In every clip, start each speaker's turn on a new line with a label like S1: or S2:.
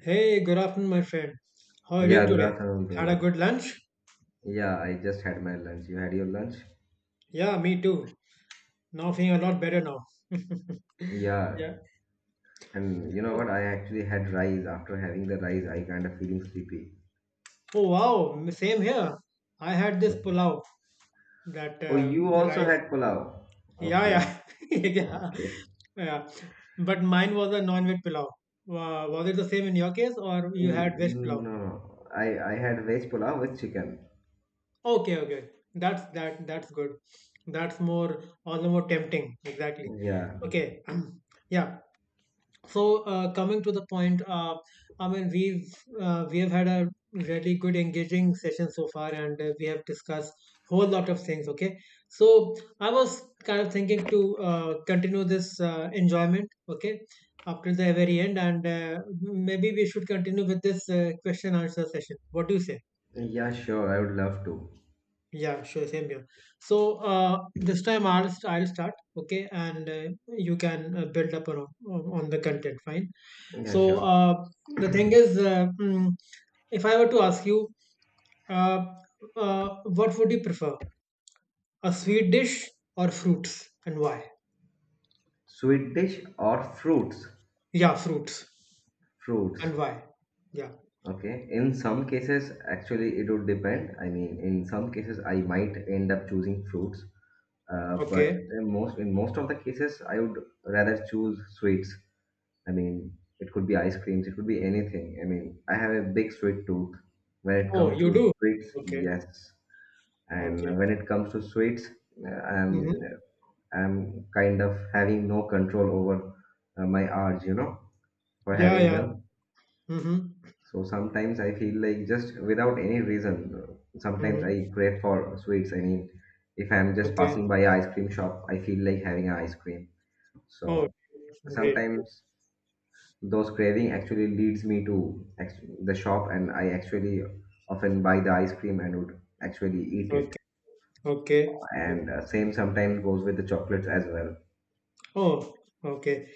S1: Hey, good afternoon, my friend. How are you
S2: Yeah,
S1: doing
S2: good
S1: today?
S2: afternoon,
S1: Had a
S2: brother.
S1: good lunch?
S2: Yeah, I just had my lunch. You had your lunch?
S1: Yeah, me too. Now feeling a lot better now.
S2: Yeah,
S1: Yeah.
S2: and you know what?
S1: Oh,
S2: I actually had rice. After having the rice, I kind of feeling sleepy.
S1: oh, wow. Same here. I had this
S2: Okay.
S1: pulao, that
S2: Oh, you also
S1: rice.
S2: had pulao.
S1: Yeah,
S2: Okay,
S1: yeah. Yeah.
S2: okay.
S1: Yeah. But mine was a non-veg pulao. Was it the same in your case or you
S2: Mm,
S1: had veg
S2: mm,
S1: pulao?
S2: no, no. I had veg pulao with chicken.
S1: Okay, okay. That's good. That's more all the more tempting. Exactly.
S2: Yeah,
S1: Okay. Yeah. Coming to the point, we've we have had a really good engaging session so far, and we have discussed whole lot of things. Okay, so I was kind of thinking to continue this enjoyment. Okay, up till the very end, and maybe we should continue with this question answer session. What do you say?
S2: yeah, sure. I would love to.
S1: Yeah, sure, same here. This time I'll start. Okay, and you can build up on the content. Fine.
S2: Yeah,
S1: So
S2: sure.
S1: uh, the thing is, if I were to ask you, uh, what would you prefer, a sweet dish or fruits, and why?
S2: Sweet dish or fruits?
S1: Yeah, fruits,
S2: Fruits.
S1: and why? Yeah.
S2: Okay. In some cases, actually, it would depend. I mean, in some cases, I might end up choosing fruits. But
S1: Okay.
S2: in most of the cases, I would rather choose sweets. I mean, it could be ice creams, it could be anything. I mean, I have a big sweet tooth. When it
S1: Oh,
S2: comes to
S1: you do.
S2: sweets,
S1: Okay.
S2: yes.
S1: Okay.
S2: And when it comes to sweets, uh, I'm
S1: Mm-hmm.
S2: I'm kind of having no control over my urge, for
S1: Yeah.
S2: having
S1: Yeah.
S2: them.
S1: Mm-hmm.
S2: So sometimes I feel like just without any reason, sometimes
S1: Mm-hmm.
S2: I crave for sweets. I mean, if I'm just
S1: Okay.
S2: passing by an ice cream shop, I feel like having an ice cream.
S1: Oh,
S2: So
S1: great.
S2: sometimes those craving actually leads me to the shop, and I actually often buy the ice cream and would actually eat it.
S1: Okay. Okay.
S2: And same sometimes goes with the chocolates as well.
S1: Oh, okay.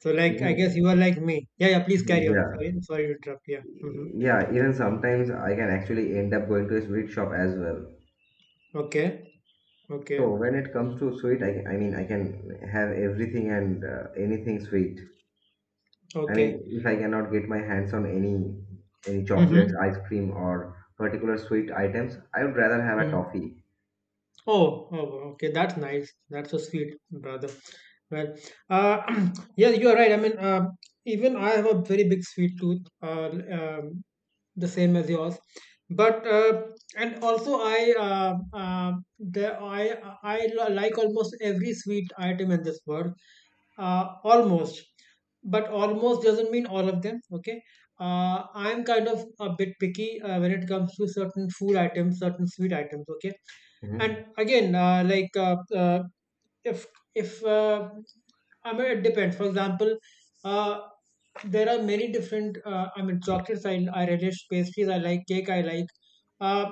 S1: So, like, I
S2: Even
S1: guess you are like me. Yeah. Yeah. Please carry on.
S2: yeah,
S1: Sorry. Sorry to interrupt. Yeah. Mm-hmm.
S2: yeah. Even sometimes I can actually end up going to a sweet shop as well.
S1: Okay. Okay.
S2: So when it
S1: Mm-hmm.
S2: comes to sweet, I mean I can have everything and anything sweet. I
S1: Okay.
S2: mean, if I cannot get my hands on any chocolates,
S1: Mm-hmm.
S2: ice cream, or particular sweet items, I would rather have a
S1: Mm-hmm.
S2: toffee.
S1: Oh, oh, okay. That's nice. That's so sweet, brother. Well, uh, yeah, you are right. Even I have a very big sweet tooth, the same as yours. But and also I the I like almost every sweet item in this world. Almost, but almost doesn't mean all of them. Okay. I'm kind of a bit picky when it comes to certain food items, certain sweet items. Okay,
S2: Hmm.
S1: and again, like if if I mean it depends. For example, uh, there are many different. I mean chocolates. I relish pastries. I like cake. I like. Uh,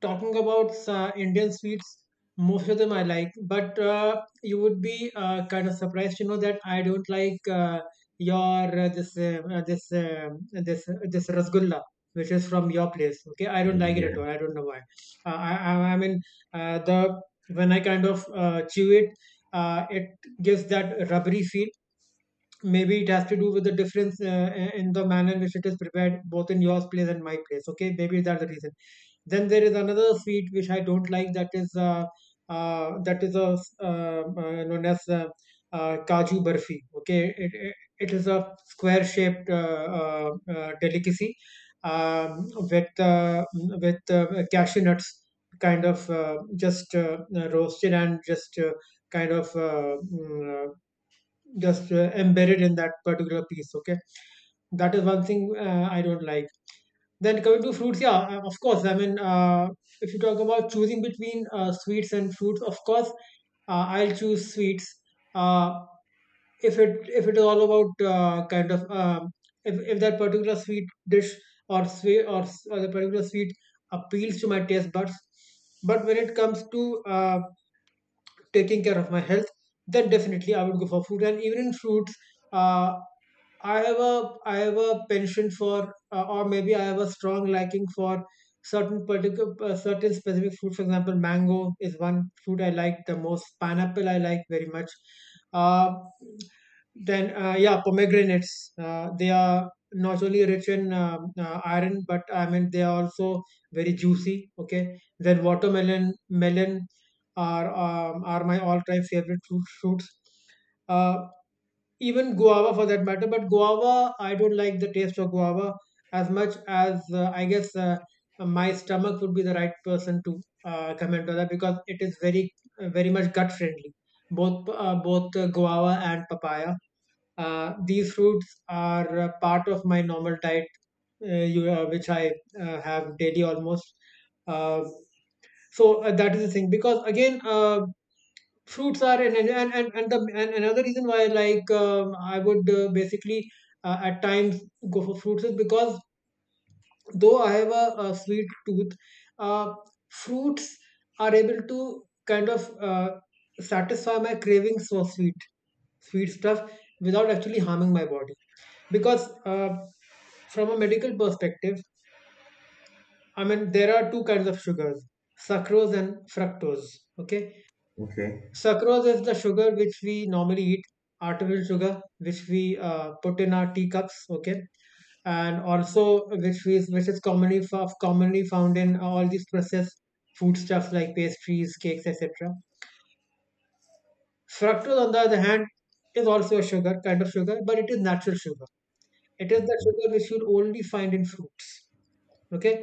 S1: Talking about Indian sweets, most of them I like. But you would be kind of surprised to know that I don't like your this this this this rasgulla, which is from your place, okay? I don't like it at
S2: Yeah.
S1: all. I don't know why. I mean, the when I kind of chew it, it gives that rubbery feel. Maybe it has to do with the difference in the manner in which it is prepared both in your place and my place. Okay, maybe that's the reason. Then there is another sweet which I don't like, that is a known as kaju barfi. Okay, it is a square shaped delicacy with with uh, cashew nuts kind of just roasted and just kind of uh, mm, uh, just embedded in that particular piece. Okay, that is one thing I don't like. Then coming to fruits, yeah, of course. If you talk about choosing between sweets and fruits, of course I'll choose sweets uh, if it is all about if that particular sweet dish or sweet or, or the particular sweet appeals to my taste buds. But when it comes to taking care of my health, then definitely I would go for food. And even in fruits, uh, I have a penchant for, or maybe I have a strong liking for certain particular certain specific fruit. For example, mango is one fruit I like the most. Pineapple I like very much. Um then yeah, pomegranates. They are not only rich in iron, but I mean they are also very juicy. Okay. Then watermelon, melon are my all-time favorite fruits. Uh, Even guava for that matter, but guava I don't like the taste of guava as much as I guess my stomach would be the right person to comment on that because it is very very much gut friendly. Both guava and papaya, these fruits are part of my normal diet, which I have daily almost. Uh, so that is the thing because again, fruits are and another reason why like I would basically at times go for fruits is because though I have a sweet tooth, uh, fruits are able to kind of satisfy my cravings for sweet stuff without actually harming my body, because from a medical perspective, I mean there are two kinds of sugars: sucrose and fructose. Okay,
S2: Okay.
S1: sucrose is the sugar which we normally eat, artificial sugar which we put in our teacups, okay, and also which is commonly commonly found in all these processed foodstuffs like pastries, cakes, etc. Fructose, on the other hand, is also a sugar, kind of sugar, but it is natural sugar. It is the sugar which you'll only find in fruits. Okay,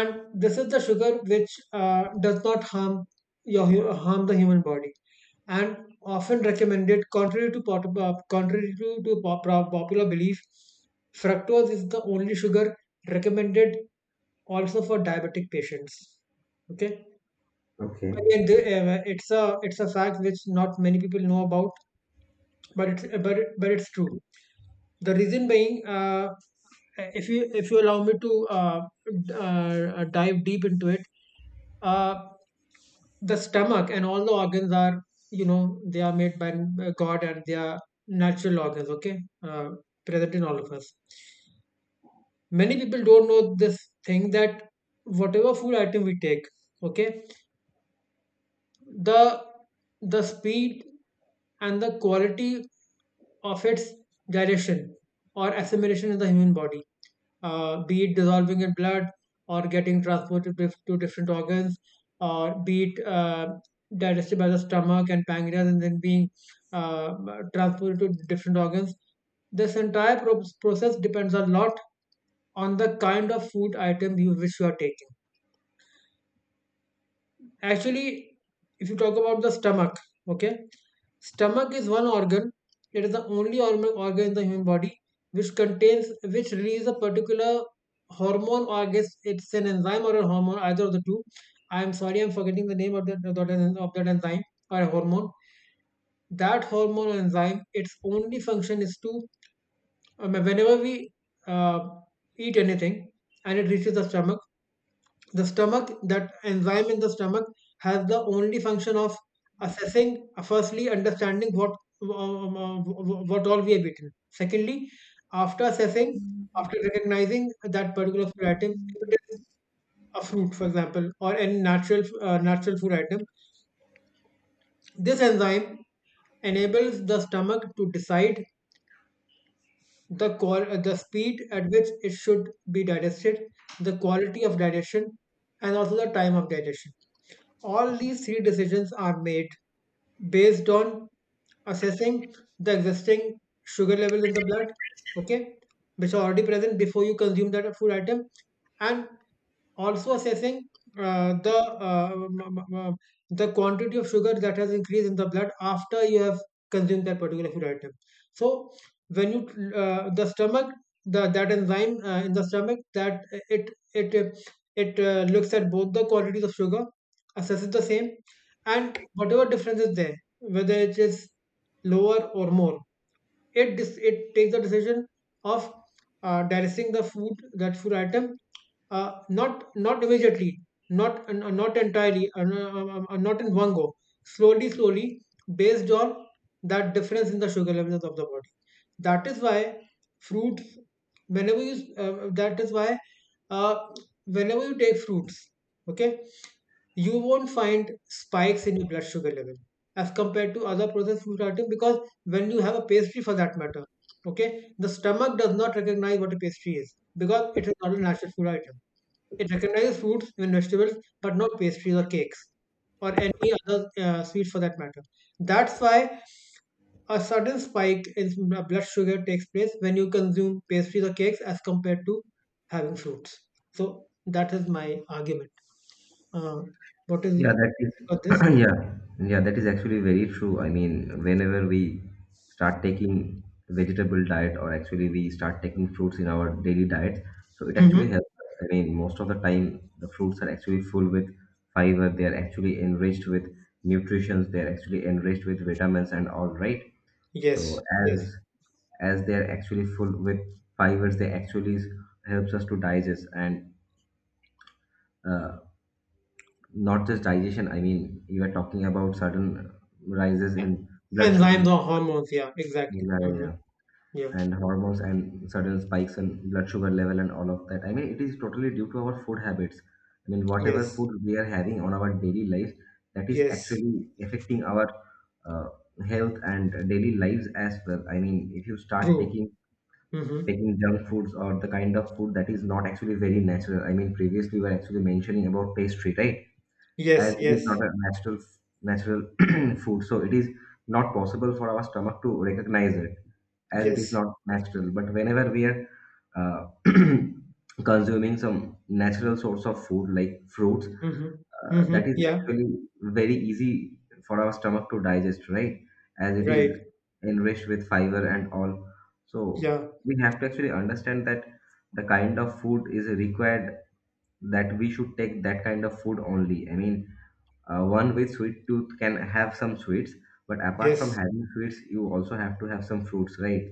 S1: and this is the sugar which does not harm your harm the human body, and often recommended. Contrary to pot, contrary to pop, pro- popular belief, fructose is the only sugar recommended also for diabetic patients. Okay,
S2: Okay.
S1: again, the, it's a fact which not many people know about, but it's true. The reason being, if you allow me to dive deep into it, uh, the stomach and all the organs are, you know, they are made by God, and they are natural organs. Okay, uh, present in all of us. Many people don't know this thing that whatever food item we take, okay, the the speed and the quality of its digestion or assimilation in the human body, be it dissolving in blood or getting transported to different organs, or be it digested by the stomach and pancreas and then being uh, transported to different organs. This entire process depends a lot on the kind of food item you which you are taking. Actually, if you talk about the stomach, okay, stomach is one organ. It is the only organ in the human body which contains, which releases a particular hormone, or I guess it's an enzyme or a hormone, either of the two. I'm sorry, I'm forgetting the name of that, of that enzyme or a hormone. That hormone or enzyme, its only function is to, whenever we uh, eat anything and it reaches the stomach, that enzyme in the stomach, has the only function of assessing, firstly, understanding um, um, uh, what all we have eaten. Secondly, after assessing, after recognizing that particular food item, if it is a fruit, for example, or any natural natural food item, this enzyme enables the stomach to decide the speed at which it should be digested, the quality of digestion, and also the time of digestion. All these three decisions are made based on assessing the existing sugar level in the blood, okay, which are already present before you consume that food item, and also assessing the m- m- m- the quantity of sugar that has increased in the blood after you have consumed that particular food item. So when you the stomach, the that enzyme in the stomach, that it it uh, it uh, looks at both the quantities of sugar, assesses the same, and whatever difference is there, whether it is lower or more, it takes the decision of digesting the food that food item, not not immediately, not uh, not entirely not in one go, slowly slowly, based on that difference in the sugar levels of the body. That is why fruits, that is why uh, whenever you take fruits, okay, you won't find spikes in your blood sugar level as compared to other processed food items, because when you have a pastry for that matter, okay, the stomach does not recognize what a pastry is because it is not a natural food item. It recognizes fruits and vegetables, but not pastries or cakes or any other sweet for that matter. That's why a sudden spike in blood sugar takes place when you consume pastries or cakes as compared to having fruits. So that is my argument. uh, what is you
S2: Yeah, that is.
S1: got this?
S2: Yeah, yeah, that is actually very true. I mean, whenever we start taking vegetable diet, or actually we start taking fruits in our daily diet, so it actually
S1: Mm-hmm.
S2: helps. Us. I mean, most of the time, the fruits are actually full with fiber. They are actually enriched with nutrients. They are actually enriched with vitamins and all, right?
S1: Yes,
S2: So
S1: yes.
S2: as they are actually full with fibers, they actually helps us to digest and uh, not just digestion. I mean, you are talking about certain rises
S1: A-
S2: in blood sugar,
S1: Enzymes or hormones, yeah, exactly.
S2: yeah, yeah, yeah,
S1: Mm-hmm. Yeah.
S2: and hormones and certain spikes in blood sugar level and all of that. I mean, it is totally due to our food habits. I mean, whatever
S1: Yes.
S2: food we are having on our daily life, that is
S1: Yes.
S2: actually affecting our uh, health and daily lives as well. I mean, if you start
S1: True.
S2: taking
S1: Mm-hmm.
S2: taking junk foods or the kind of food that is not actually very natural. I mean, previously we were actually mentioning about pastry, right?
S1: Yes,
S2: As it is not
S1: yes,
S2: a natural food, so it is not possible for our stomach to recognize it as it is
S1: yes.
S2: not natural. But whenever we are uh, consuming some natural source of food like fruits,
S1: Mm-hmm. Mm-hmm.
S2: that is
S1: Yeah.
S2: actually very easy for our stomach to digest, right? As it is
S1: Right.
S2: enriched with fiber and all. So
S1: Yeah.
S2: we have to actually understand that the kind of food is required that we should take that kind of food only. I mean, one with sweet tooth can have some sweets, but apart from
S1: Yes.
S2: having sweets, you also have to have some fruits, right?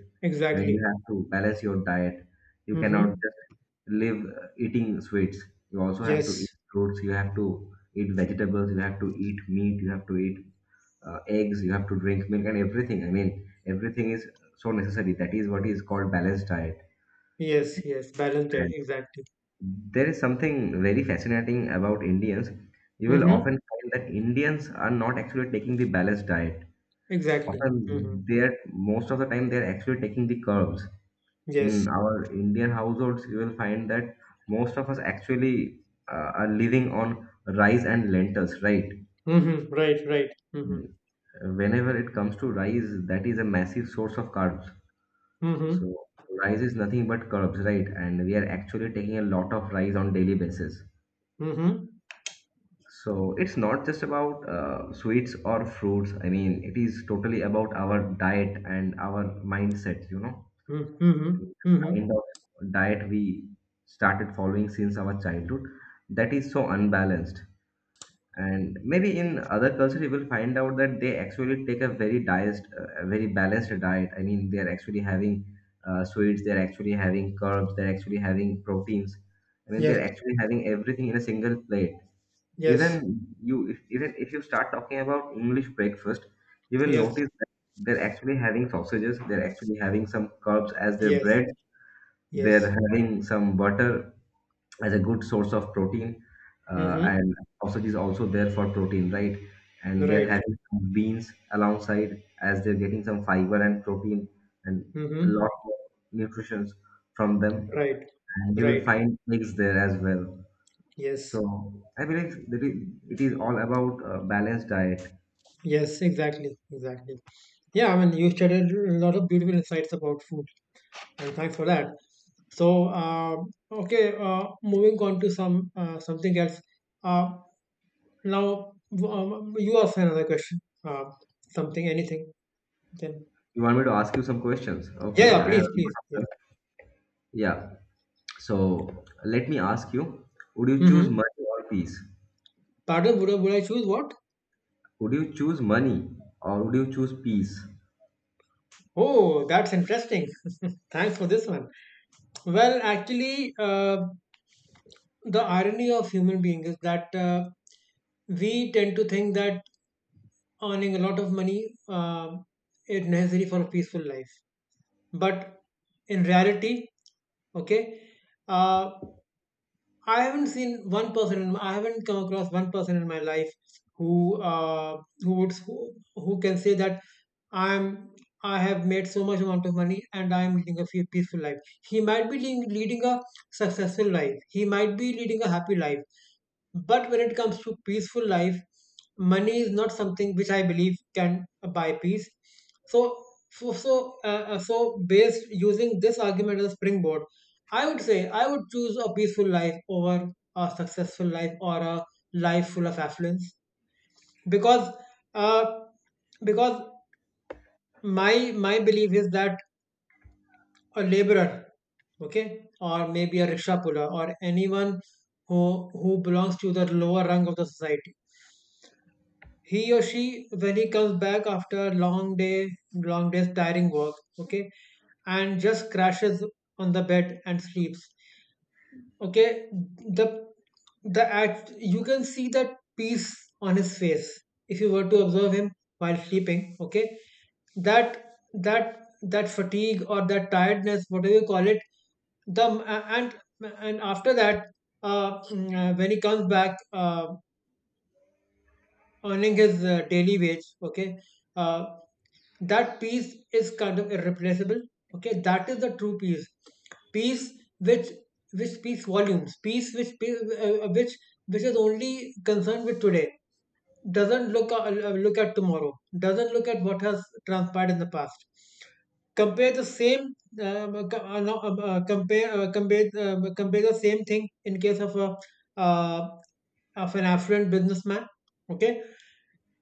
S2: I mean, you
S1: Exactly.
S2: have to balance your diet. You cannot
S1: Mm-hmm.
S2: just live eating sweets. You also have to eat
S1: Yes.
S2: fruits. You have to eat vegetables. You have to eat meat. You have to eat eggs. You have to drink milk and everything. I mean, everything is so necessary. That is what is called balanced diet.
S1: Yes, yes. Balanced diet,
S2: And
S1: exactly.
S2: there is something very fascinating about Indians. You will often
S1: Mm-hmm.
S2: find that Indians are not actually taking the balanced diet.
S1: Exactly. Mm-hmm.
S2: Often, they're most of the time they're actually taking the curves.
S1: Yes.
S2: In our Indian households, you will find that most of us actually are living on rice and lentils, right?
S1: Mm-hmm. Right, right. Mm-hmm.
S2: Whenever it comes to rice, that is a massive source of carbs. So
S1: Mm-hmm.
S2: rice is nothing but carbs, right? And we are actually taking a lot of rice on daily basis.
S1: Mm-hmm.
S2: So it's not just about sweets or fruits. I mean, it is totally about our diet and our mindset.
S1: Mm-hmm.
S2: And
S1: Mm-hmm.
S2: kind of diet we started following since our childhood, that is so unbalanced. And maybe in other culture you will find out that they actually take a very balanced diet. I mean, they're actually having sweets, they're actually having carbs, they're actually having proteins. I mean, they're
S1: Yes.
S2: actually having everything in a single plate.
S1: Yes.
S2: Even you if, even if you start talking about English breakfast, you will
S1: Yes,
S2: notice that they're actually having sausages, they're actually having some carbs as their
S1: yes,
S2: bread, they're
S1: yes.
S2: having some butter as a good source of protein,
S1: Mm-hmm.
S2: and sausage is also there for protein, right? And they're
S1: Right.
S2: having some beans alongside as they're getting some fiber and protein and a lot
S1: Mm-hmm.
S2: of nutrition from them.
S1: Right.
S2: And you will
S1: Right.
S2: find eggs there as well.
S1: Yes.
S2: So I believe that it is all about balanced diet.
S1: Yes, exactly. Exactly. Yeah, I mean, you shared a lot of beautiful insights about food, and thanks for that. So, okay, moving on to something else. Uh, Now, you ask another question. Something, anything. Then,
S2: You want me to ask you some questions?
S1: yeah,
S2: Okay,
S1: yeah,
S2: I have
S1: please,
S2: a
S1: please.
S2: lot of
S1: Yeah.
S2: them. Yeah. So let me ask you, would you choose
S1: Mm-hmm.
S2: money or peace?
S1: Pardon, would I choose what?
S2: Would you choose money or would you choose peace?
S1: Oh, that's interesting. Thanks for this one. Well, actually, the irony of human being is that we tend to think that earning a lot of money is necessary for a peaceful life. But in reality, okay, uh, I haven't come across one person in my life who who can say that I'm I have made so much amount of money and I'm leading a peaceful life. He might be leading a successful life. He might be leading a happy life. But when it comes to peaceful life, money is not something which I believe can buy peace. So, so, so, uh, so based using this argument as a springboard, I would say I would choose a peaceful life over a successful life or a life full of affluence because uh, because my belief is that a laborer, okay, or maybe a rickshaw puller or anyone who belongs to the lower rung of the society, he or she, when he comes back after a long day's tiring work, okay, and just crashes on the bed and sleeps. Okay, the the act you can see that peace on his face if you were to observe him while sleeping. Okay, that that fatigue or that tiredness, whatever you call it, the and and after that, when he comes back earning his daily wage, okay, uh, that peace is kind of irreplaceable. Okay, that is the true peace, peace which speaks volumes, peace which which is only concerned with today, doesn't look look at tomorrow, doesn't look at what has transpired in the past. Compare the same co- no, compare compare compare the same thing in case of a uh, of an affluent businessman. Okay,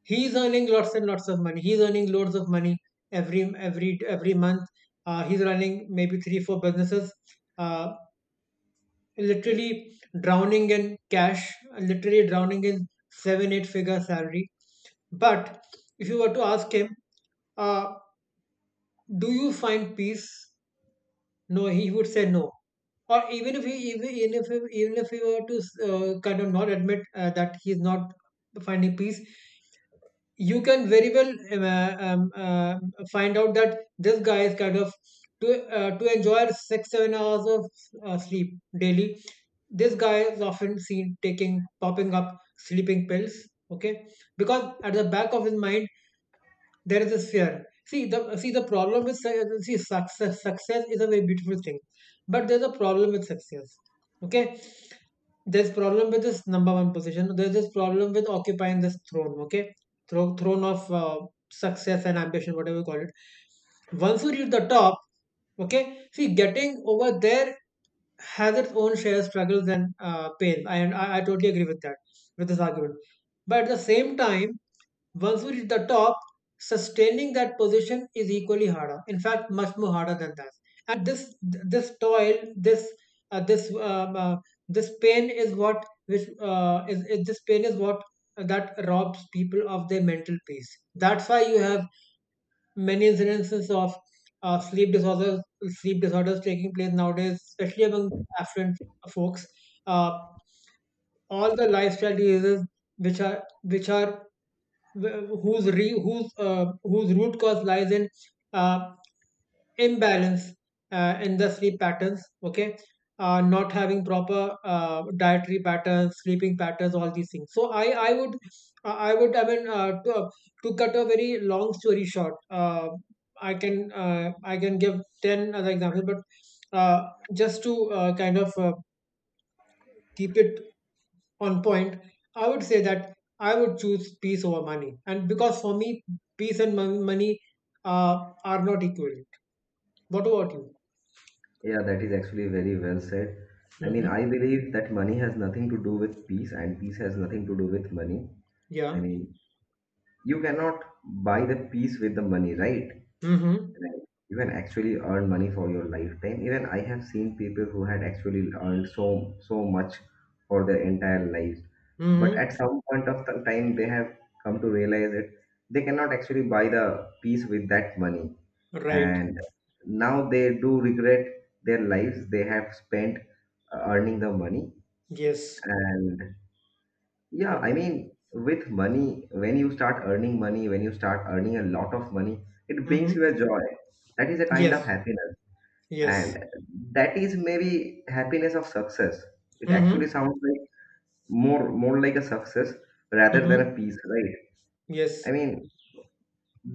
S1: he's earning lots and lots of money, he's earning loads of money every month. He's running maybe three four businesses, uh, literally drowning in cash, literally drowning in seven eight figure salary. But if you were to ask him, uh, do you find peace, no, he would say no. Or even if he even if he were to kind of not admit that he's not finding peace, you can very well find out that this guy is kind of to enjoy six seven hours of sleep daily. This guy is often seen taking popping up sleeping pills. Okay, because at the back of his mind there is this fear. See success. Success is a very beautiful thing, but there's a problem with success. Okay, there's problem with this number one position. There's this problem with occupying this throne. Okay, throne of success and ambition, whatever you call it. Once you reach the top, okay, see, getting over there has its own share of struggles and pain. I totally agree with that, with this argument. But at the same time, once we reach the top, sustaining that position is equally harder. In fact, much more harder than that. And this toil, uh, this uh, um, uh, this pain is this pain is what that robs people of their mental peace. That's why you have many incidences of uh, sleep disorders sleep disorders taking place nowadays, especially among affluent folks. Uh, all the lifestyle diseases which are wh- whose re- whose whose root cause lies in uh, imbalance in the sleep patterns, okay, not having proper dietary patterns, sleeping patterns, all these things. So I mean, to cut a very long story short, i can uh, I can give 10 other examples, but uh, just to kind of keep it on point, I would say that I would choose peace over money. And because for me, peace and money are not equivalent. What about you?
S2: Yeah, that is actually very well said. I mean,
S1: Hmm.
S2: I believe that money has nothing to do with peace, and peace has nothing to do with money. I
S1: Yeah.
S2: mean, you cannot buy the peace with the money, right?
S1: Hmm.
S2: Even actually earn money for your lifetime. Even I have seen people who had actually earned so much for their entire lives, but
S1: Hmm.
S2: at some point of the time they have come to realize it, they cannot actually buy the piece with that money.
S1: Right.
S2: And now they do regret their lives they have spent earning the money.
S1: Yes.
S2: And yeah, I
S1: Hmm.
S2: mean, with money, when you start earning money, when you start earning a lot of money, it brings you
S1: Hmm.
S2: a joy. That is a kind of
S1: Yes.
S2: happiness.
S1: Yes.
S2: And that is maybe happiness of success. It actually
S1: Hmm.
S2: sounds like more like a success rather than
S1: Hmm.
S2: a peace, right?
S1: Yes.
S2: I mean,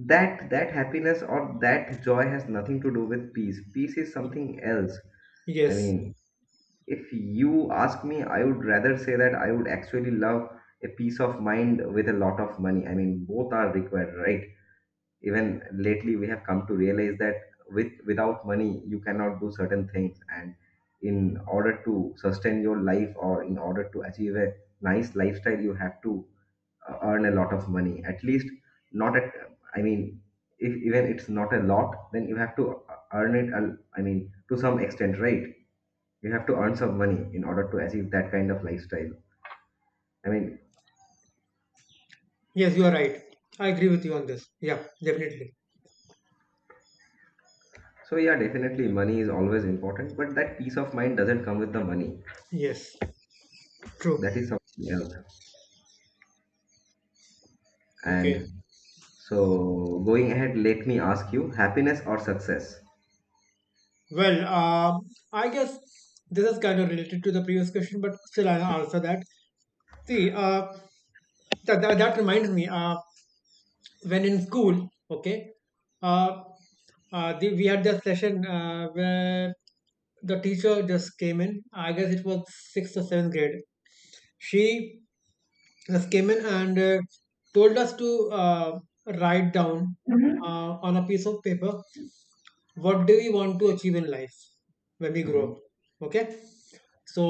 S2: that happiness or that joy has nothing to do with peace. Peace is something else. I
S1: Yes.
S2: mean, if you ask me, I would rather say that I would actually love a peace of mind with a lot of money. I mean, both are required, right? Even lately, we have come to realize that without money, you cannot do certain things. And in order to sustain your life or in order to achieve a nice lifestyle, you have to earn a lot of money. At least, not at, I mean, if even it's not a lot, then you have to earn it, I mean, to some extent, right? You have to earn some money in order to achieve that kind of lifestyle, I mean.
S1: Yes, you are right. I agree with you on this. Yeah, definitely.
S2: So yeah, definitely money is always important, but that peace of mind doesn't come with the money.
S1: Yes. True.
S2: That is something else.
S1: Okay.
S2: And so going ahead, let me ask you, happiness or success?
S1: Well, I guess this is kind of related to the previous question, but still I'll answer that. See, that reminds me, when in school, okay, uh, we had that session where the teacher just came in. I guess it was sixth or seventh grade. She just came in and told us to write down uh, on a piece of paper what do we want to achieve in life when we grow
S2: Mhm.
S1: up, okay. So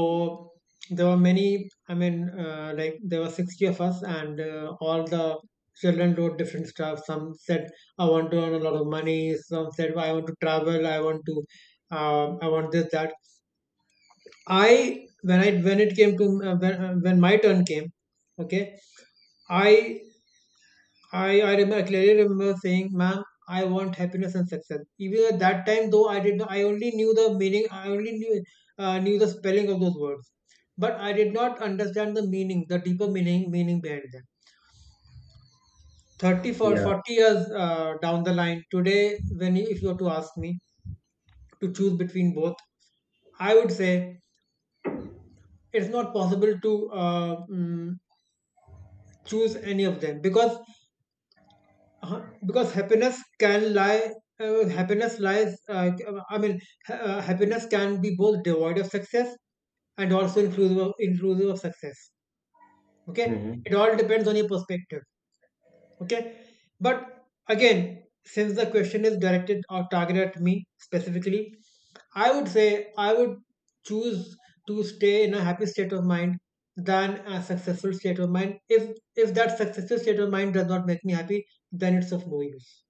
S1: there were many, I mean, like there were 60 of us, and all the children wrote different stuff. Some said I want to earn a lot of money, some said I want to travel, I want to I want this that. I when I When it came to when my turn came, okay, i I remember, I clearly remember saying, ma'am, I want happiness and success. Even at that time, though, I did not, I only knew the meaning, I only knew, knew the spelling of those words. But I did not understand the meaning, the deeper meaning behind them. 30 for
S2: Yeah.
S1: 40 years down the line, today, if you were to ask me to choose between both, I would say it's not possible to choose any of them because Uh-huh. Because happiness can happiness lies, I mean, happiness can be both devoid of success and also inclusive of success. Okay.
S2: Hmm.
S1: It all depends on your perspective. Okay. But again, since the question is directed or targeted at me specifically, I would say I would choose to stay in a happy state of mind than a successful state of mind. If that successful state of mind does not make me happy, then it's of no use.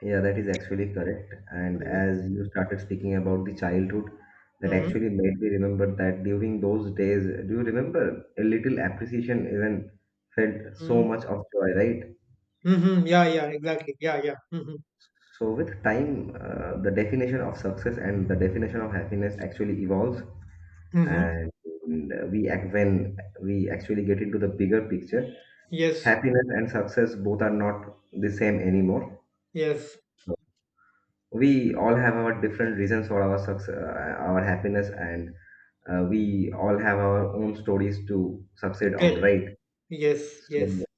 S2: Yeah, that is actually correct. And as you started speaking about the childhood, that
S1: Mhm.
S2: actually made me remember that during those days, do you remember, a little appreciation even felt so
S1: Mhm.
S2: much of joy, right?
S1: Mhm. Yeah, yeah, exactly. Yeah, yeah. Mhm.
S2: So with time, the definition of success and the definition of happiness actually evolves,
S1: Mhm.
S2: and we act when we actually get into the bigger picture,
S1: Yes.
S2: happiness and success both are not the same anymore.
S1: Yes.
S2: We all have our different reasons for our success, our happiness, and we all have our own stories to succeed on,
S1: Tell.
S2: right?
S1: Yes.
S2: So
S1: Yes.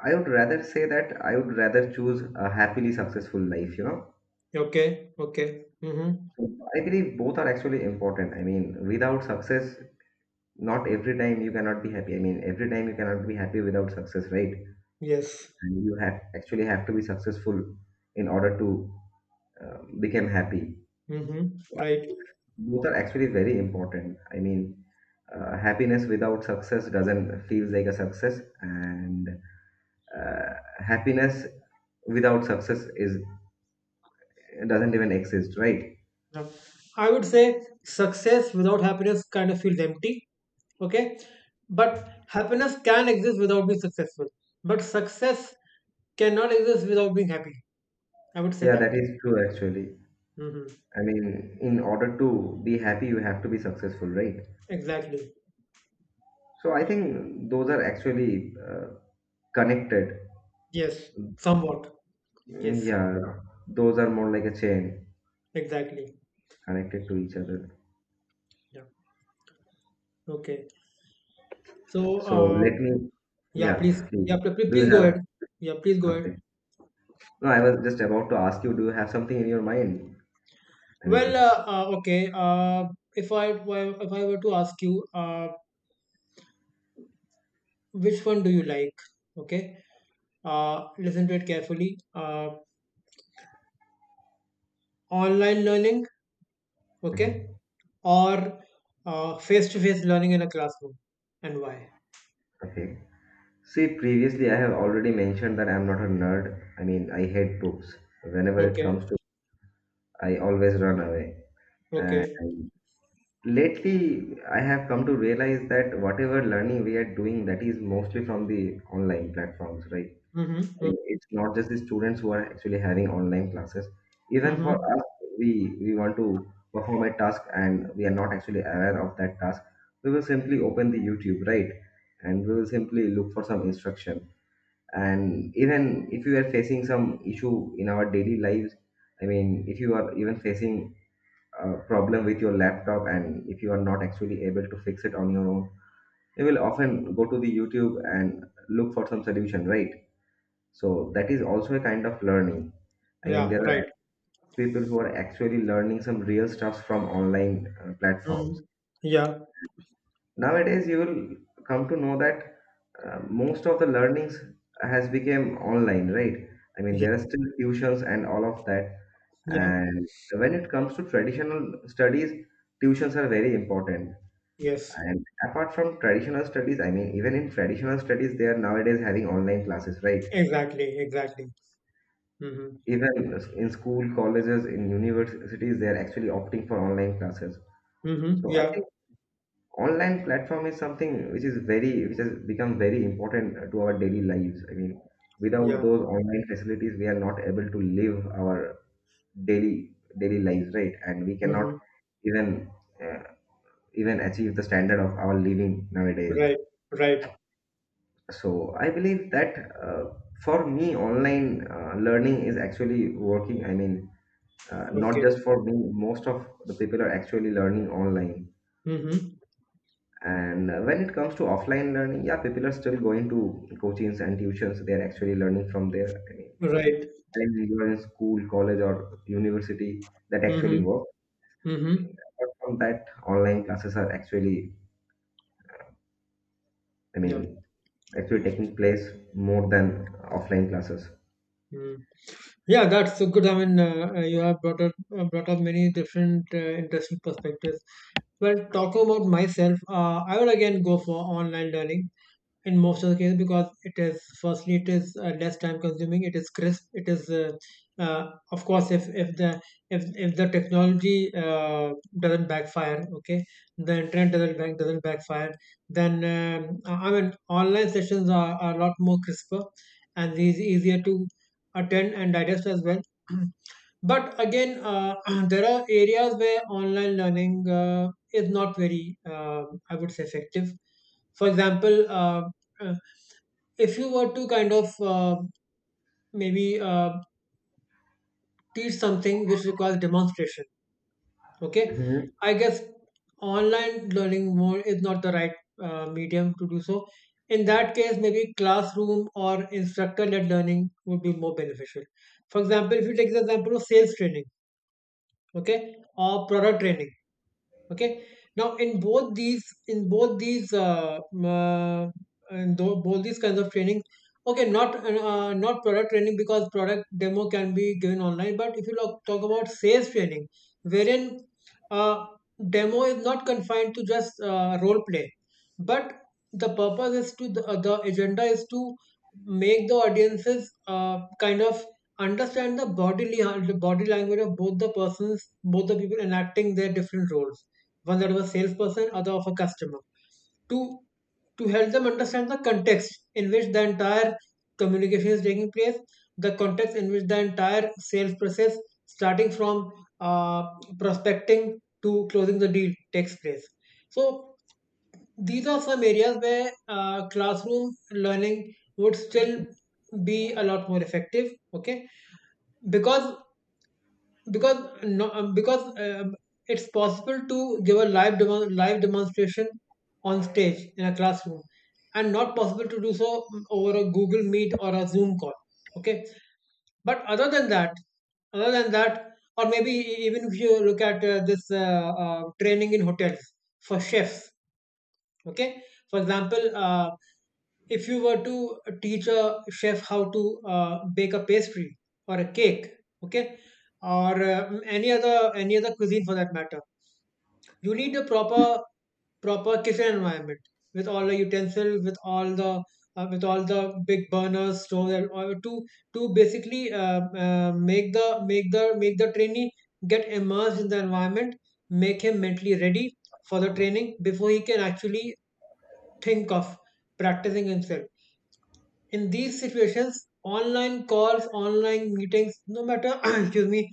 S2: I would rather say that I would rather choose a happily successful life.
S1: Okay. Okay. Mhm.
S2: I believe both are actually important. I mean, without success, not every time you cannot be happy. I mean, every time you cannot be happy without success, right?
S1: Yes.
S2: And you have actually have to be successful in order to become happy.
S1: Mhm.
S2: So I
S1: Right.
S2: think both are actually very important. I mean, happiness without success doesn't feels like a success, and uh, happiness without success is doesn't even exist, right?
S1: Yeah. I would say success without happiness kind of feels empty. Okay. But happiness can exist without being successful. But success cannot exist without being happy. I would say
S2: Yeah,
S1: that.
S2: that is true actually.
S1: Mm-hmm.
S2: I mean, in order to be happy, you have to be successful, right?
S1: Exactly.
S2: So I think those are actually connected.
S1: Yes. Somewhat.
S2: Mm,
S1: Yes.
S2: yeah, those are more like a chain
S1: Exactly.
S2: connected to each other.
S1: Yeah. Okay. So,
S2: So let me,
S1: yeah,
S2: yeah,
S1: please,
S2: please.
S1: yeah,
S2: Do you
S1: please go ahead.
S2: have,
S1: Yeah, please go
S2: okay.
S1: ahead.
S2: No, I was just about to ask you, do you have something in your mind? I
S1: Well,
S2: mean,
S1: okay. If I if I were to ask you, which one do you like? Okay. Listen to it carefully. Online learning, okay,
S2: mhm,
S1: or face-to-face learning in a classroom, and why?
S2: okay. See, previously I have already mentioned that I'm not a nerd. I mean, I hate books. Whenever it
S1: Okay.
S2: comes to, I always run away.
S1: Okay.
S2: And lately I have come to realize that whatever learning we are doing, that is mostly from the online platforms, right?
S1: Mm-hmm.
S2: I
S1: Mm-hmm.
S2: mean, it's not just the students who are actually having online classes. Even for
S1: Mm-hmm.
S2: us, we want to perform a task and we are not actually aware of that task. We will simply open the YouTube, right? And we will simply look for some instruction. And even if you are facing some issue in our daily lives, I mean, if you are even facing problem with your laptop, and if you are not actually able to fix it on your own, you will often go to the YouTube and look for some solution, right? So that is also a kind of learning. I mean,
S1: Yeah.
S2: there are
S1: Right.
S2: people who are actually learning some real stuff from online platforms.
S1: Mm-hmm. Yeah.
S2: Nowadays you will come to know that most of the learnings has become online, right? I mean,
S1: Yeah.
S2: there are still tuitions and all of that.
S1: Yeah.
S2: And when it comes to traditional studies, tuitions are very important.
S1: Yes.
S2: And apart from traditional studies, I mean, even in traditional studies, they are nowadays having online classes, right?
S1: Exactly. Exactly. Mm-hmm.
S2: Even in school, colleges, in universities, they are actually opting for online classes.
S1: Mm-hmm.
S2: So I
S1: Yeah.
S2: think online platform is something which is very, which has become very important to our daily lives. I mean, without
S1: Yeah.
S2: those online facilities, we are not able to live our daily daily lives, right? And we cannot
S1: Mm-hmm.
S2: even uh, even achieve the standard of our living nowadays.
S1: Right. Right.
S2: So I believe that, uh, for me, online learning is actually working. I mean, not just
S1: Okay.
S2: for me, most of the people are actually learning online.
S1: Mm-hmm.
S2: And when it comes to offline learning, yeah, people are still going to coachings and tuitions. They are actually learning from there. I mean,
S1: Right.
S2: when you are in school, college, or university, that actually
S1: Mm-hmm.
S2: works. I
S1: Mm-hmm.
S2: mean, apart from that, online classes are actually, I
S1: Yep.
S2: mean, actually taking place more than offline classes.
S1: Mm. Yeah, that's so good. I mean, you have brought up many different interesting perspectives. Well, talking about myself, I would again go for online learning in most of the cases because it is firstly, it is less time consuming it is crisp, it is uh, of course, if the technology doesn't backfire, okay, the internet doesn't backfire, then I mean online sessions are a lot more crisper and these easier to attend and digest as well. But again there are areas where online learning is not very I would say effective. For example, uh, if you were to kind of maybe teach something which requires demonstration, okay,
S2: Mhm.
S1: I guess online learning mode is not the right medium to do so. In that case, maybe classroom or instructor led learning would be more beneficial. For example, if you take the example of sales training, okay, or product training. Okay. Now, in both these, uh, both these kinds of training, okay, not not product training because product demo can be given online. But if you look, talk about sales training, wherein uh, demo is not confined to just role play, but the agenda is to make the audiences kind of understand the body language of both the persons, both the people enacting their different roles, one that was a salesperson, other of a customer, to to help them understand the context in which the entire communication is taking place, the context in which the entire sales process, starting from uh, prospecting to closing the deal, takes place. So these are some areas where classroom learning would still be a lot more effective. Okay, because because no, because it's possible to give a live demonstration on stage in a classroom and not possible to do so over a Google Meet or a Zoom call. Okay, but other than that or maybe even if you look at this training in hotels for chefs. Okay, for example, if you were to teach a chef how to bake a pastry or a cake, okay, or any other cuisine for that matter, you need a proper kitchen environment with all the utensils, with all the big burners stove and all, to basically make the trainee get immersed in the environment, make him mentally ready for the training before he can actually think of practicing himself. In these situations, online calls, online meetings, no matter excuse me,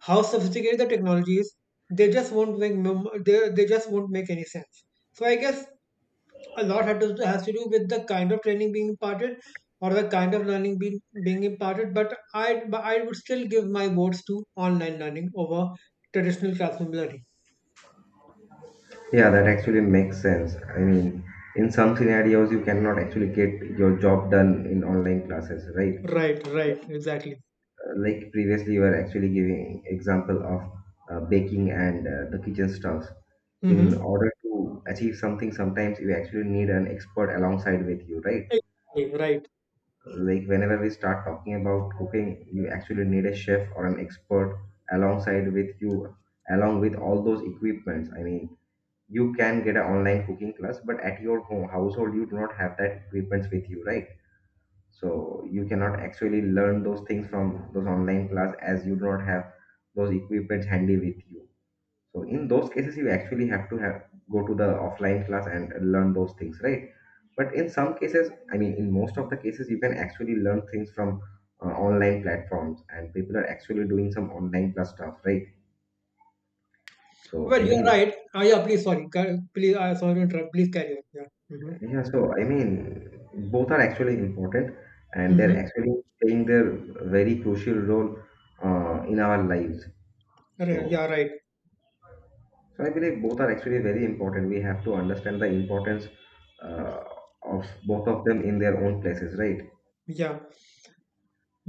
S1: how sophisticated the technology is, they just won't make any sense. So I guess a lot has to do with the kind of training being imparted or the kind of learning being imparted. But I would still give my votes to online learning over traditional classroom learning.
S2: Yeah, that actually makes sense. I mean, in some scenarios, you cannot actually get your job done in online classes, right?
S1: Right, right, exactly.
S2: Like previously, you were actually giving example of baking and the kitchen stuffs. In
S1: Mm-hmm.
S2: order to achieve something, sometimes you actually need an expert alongside with you, right?
S1: Exactly, right.
S2: Like whenever we start talking about cooking, you actually need a chef or an expert alongside with you, along with all those equipments. I mean, you can get an online cooking class, but at your home household you do not have that equipment with you, right? So you cannot actually learn those things from those online class, as you do not have those equipments handy with you. So in those cases you actually have to have go to the offline class and learn those things, right? But in some cases, I mean, in most of the cases, you can actually learn things from online platforms, and people are actually doing some online class stuff, right? So
S1: Well,
S2: I
S1: you're
S2: mean,
S1: right. Yeah, please, sorry. Please, sorry to interrupt. Please carry on. Yeah. Mm-hmm.
S2: yeah, so I mean, both are actually important, and they're
S1: Mm-hmm.
S2: actually playing their very crucial role in our lives. So,
S1: Yeah, right.
S2: so I believe both are actually very important. We have to understand the importance uh, of both of them in their own places, right?
S1: Yeah.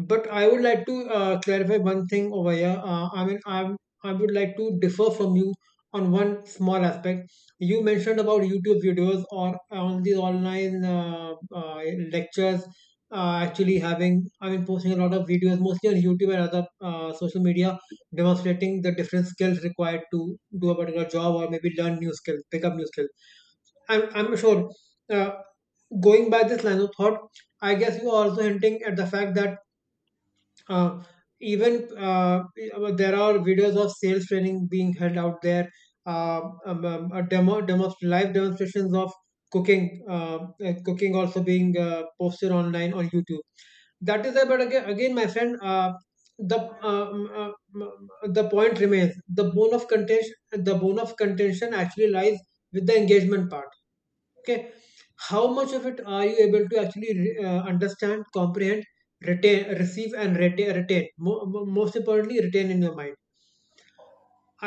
S1: But I would like to clarify one thing over here. I mean, I would like to differ from you on one small aspect. You mentioned about YouTube videos or on these online lectures. Actually, posting a lot of videos, mostly on YouTube and other social media, demonstrating the different skills required to do a particular job or maybe learn new skills, pick up new skills. I'm sure. Uh, Going by this line of thought, I guess you are also hinting at the fact that uh, there are videos of sales training being held out there. Live demonstrations of cooking, uh, cooking also being posted online on YouTube. That is, but again, my friend, the the point remains. The bone of contention actually lies with the engagement part. Okay, how much of it are you able to actually understand, comprehend, retain receive and retain, retain Mo- mo- most importantly retain in your mind.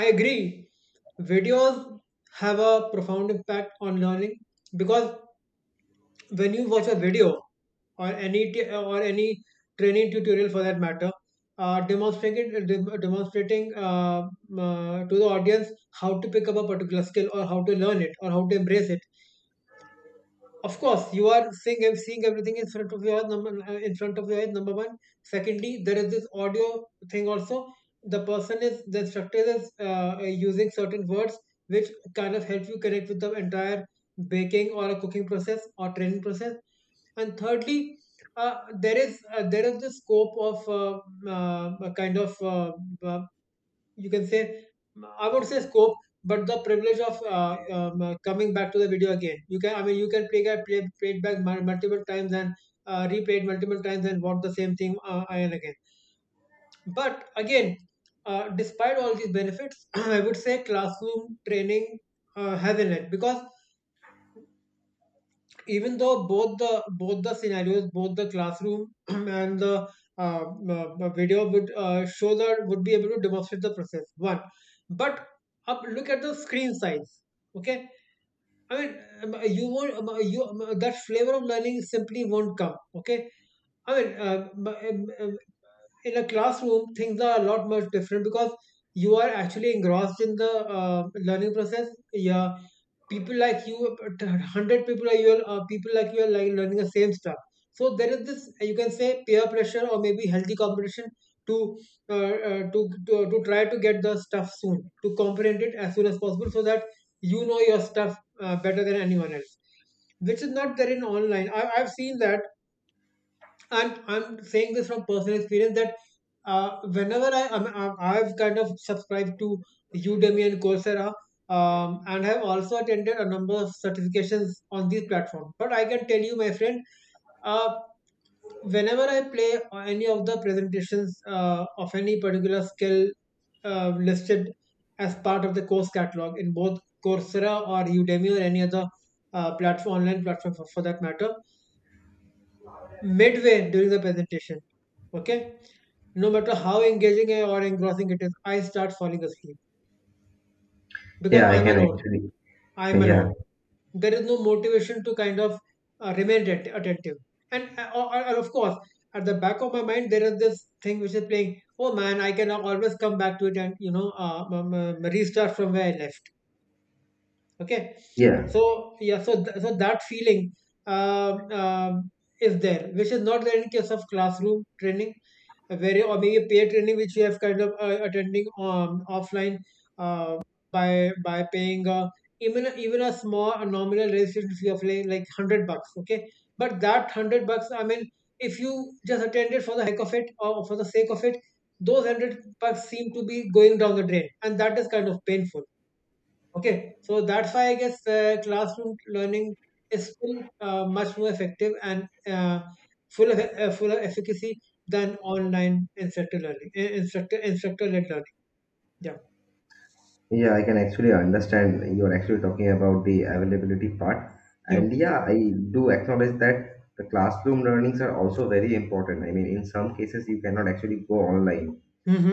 S1: I agree, videos have a profound impact on learning, because when you watch a video or any training tutorial for that matter, demonstrating to the audience how to pick up a particular skill or how to learn it or how to embrace it. Of course, you are seeing ev- seeing everything in front of your eyes. Number one. Secondly, there is this audio thing also. The instructor is using certain words which kind of help you connect with the entire baking or a cooking process or training process. And thirdly, uh, there is the scope of a kind of uh, you can say, I would say, scope, but the privilege of coming back to the video again. You can i mean you can play it back multiple times and replay it multiple times and watch the same thing again and again. But again, despite all these benefits, I would say classroom training has an edge because, even though both the scenarios, both the classroom and the uh, video would show that would be able to demonstrate the process one, but up, look at the screen size. Okay, I mean, you won't you that flavor of learning simply won't come. Okay, I mean um, um, in a classroom things are a lot much different because you are actually engrossed in the uh, learning process. Yeah, people like you, 100 people are you people like you are like learning the same stuff. So there is this, you can say, peer pressure or maybe healthy competition to to try to get the stuff soon, to comprehend it as soon as possible, so that you know your stuff better than anyone else, which is not there in online. I've seen that, and I'm saying this from personal experience that whenever I've kind of subscribed to Udemy and Coursera, and have also attended a number of certifications on these platforms. But I can tell you, my friend, uh, whenever I play any of the presentations of any particular skill listed as part of the course catalog in both Coursera or Udemy or any other platform online platform for that matter, midway during the presentation. Okay? No matter how engaging or engrossing it is, I start falling asleep because
S2: Yeah, I
S1: I'm
S2: can
S1: alone.
S2: actually.
S1: I'm
S2: Yeah,
S1: alone. There is no motivation to kind of remain attentive. And or, of course, at the back of my mind, there is this thing which is playing. Oh man, I can always come back to it and restart from where I left. Okay,
S2: yeah.
S1: so yeah, so that feeling um, um, is there, which is not there in case of classroom training where, or maybe peer training, which we have kind of attending offline uh, by paying even a small, a nominal registration fee of like 100 bucks. Okay, but that 100 bucks, I mean, if you just attend it for the heck of it or for the sake of it, those 100 bucks seem to be going down the drain, and that is kind of painful. Okay, so that's why I guess classroom learning is still much more effective and full of efficacy than online instructor learning, instructor led learning. Yeah,
S2: Yeah, I can actually understand, you're actually talking about the availability part.
S1: yeah.
S2: And yeah, I do acknowledge that the classroom learnings are also very important. I mean, in some cases, you cannot actually go online.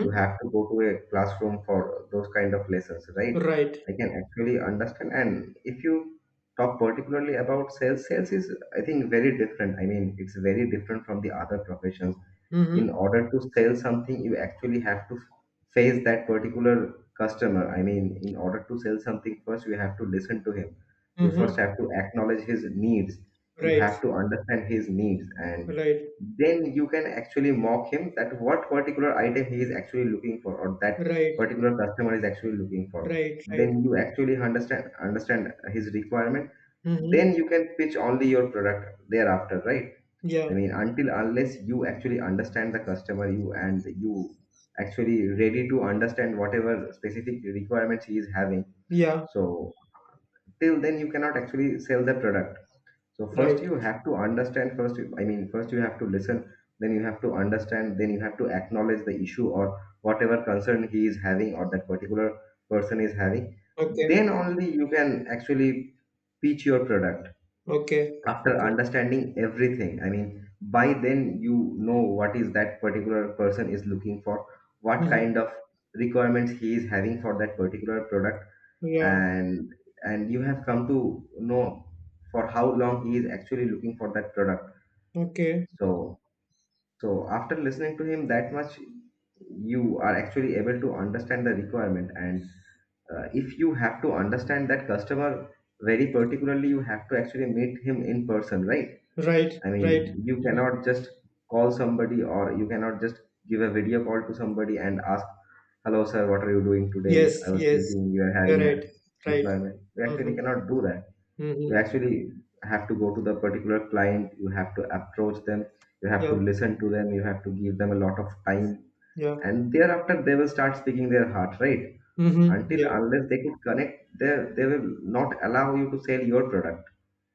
S2: You have to go to a classroom for those kind of lessons, right?
S1: Right.
S2: I can actually understand. And if you talk particularly about sales, sales is, I think, very different. I mean, it's very different from the other professions. In
S1: Mm-hmm.
S2: order to sell something, you actually have to face that particular customer. I mean, in order to sell something, first you have to listen to him, you first
S1: Mm-hmm.
S2: have to acknowledge his needs, you
S1: Right.
S2: have to understand his needs, and
S1: Right.
S2: then you can actually mock him that what particular item he is actually looking for, or that
S1: Right.
S2: particular customer is actually looking for.
S1: Right. Right.
S2: Then you actually understand his requirement.
S1: Mm-hmm.
S2: Then you can pitch only your product thereafter, right? I
S1: Yeah.
S2: mean, until unless you actually understand the customer, you and you actually ready to understand whatever specific requirements he is having.
S1: Yeah.
S2: So till then you cannot actually sell the product. So first
S1: Right.
S2: you have to understand I mean, first you have to listen. Then you have to understand. Then you have to acknowledge the issue or whatever concern he is having, or that particular person is having.
S1: Okay.
S2: Then only you can actually pitch your product
S1: Okay.
S2: after
S1: Okay.
S2: understanding everything. I mean, by then you know what is that particular person is looking for, what
S1: Mm-hmm.
S2: kind of requirements he is having for that particular product,
S1: Yeah.
S2: and you have come to know for how long he is actually looking for that product.
S1: Okay.
S2: So, so after listening to him that much, you are actually able to understand the requirement. And if you have to understand that customer very particularly, you have to actually meet him in person, right?
S1: Right.
S2: I
S1: Right.
S2: mean, you
S1: Mm-hmm.
S2: cannot just call somebody, or you cannot just give a video call to somebody and ask, "Hello, sir, what are you doing today?
S1: Yes.
S2: I was
S1: Yes.
S2: thinking you are
S1: You're
S2: having a
S1: right. Right.
S2: requirement." You actually
S1: Mhm.
S2: cannot do that. You
S1: Mhm.
S2: actually have to go to the particular client, you have to approach them, you have to
S1: Yeah.
S2: listen to them, you have to give them a lot of time.
S1: Yeah.
S2: And thereafter, they will start speaking their heart, right?
S1: Mhm.
S2: Until
S1: Yeah.
S2: unless they could connect, they will not allow you to sell your product.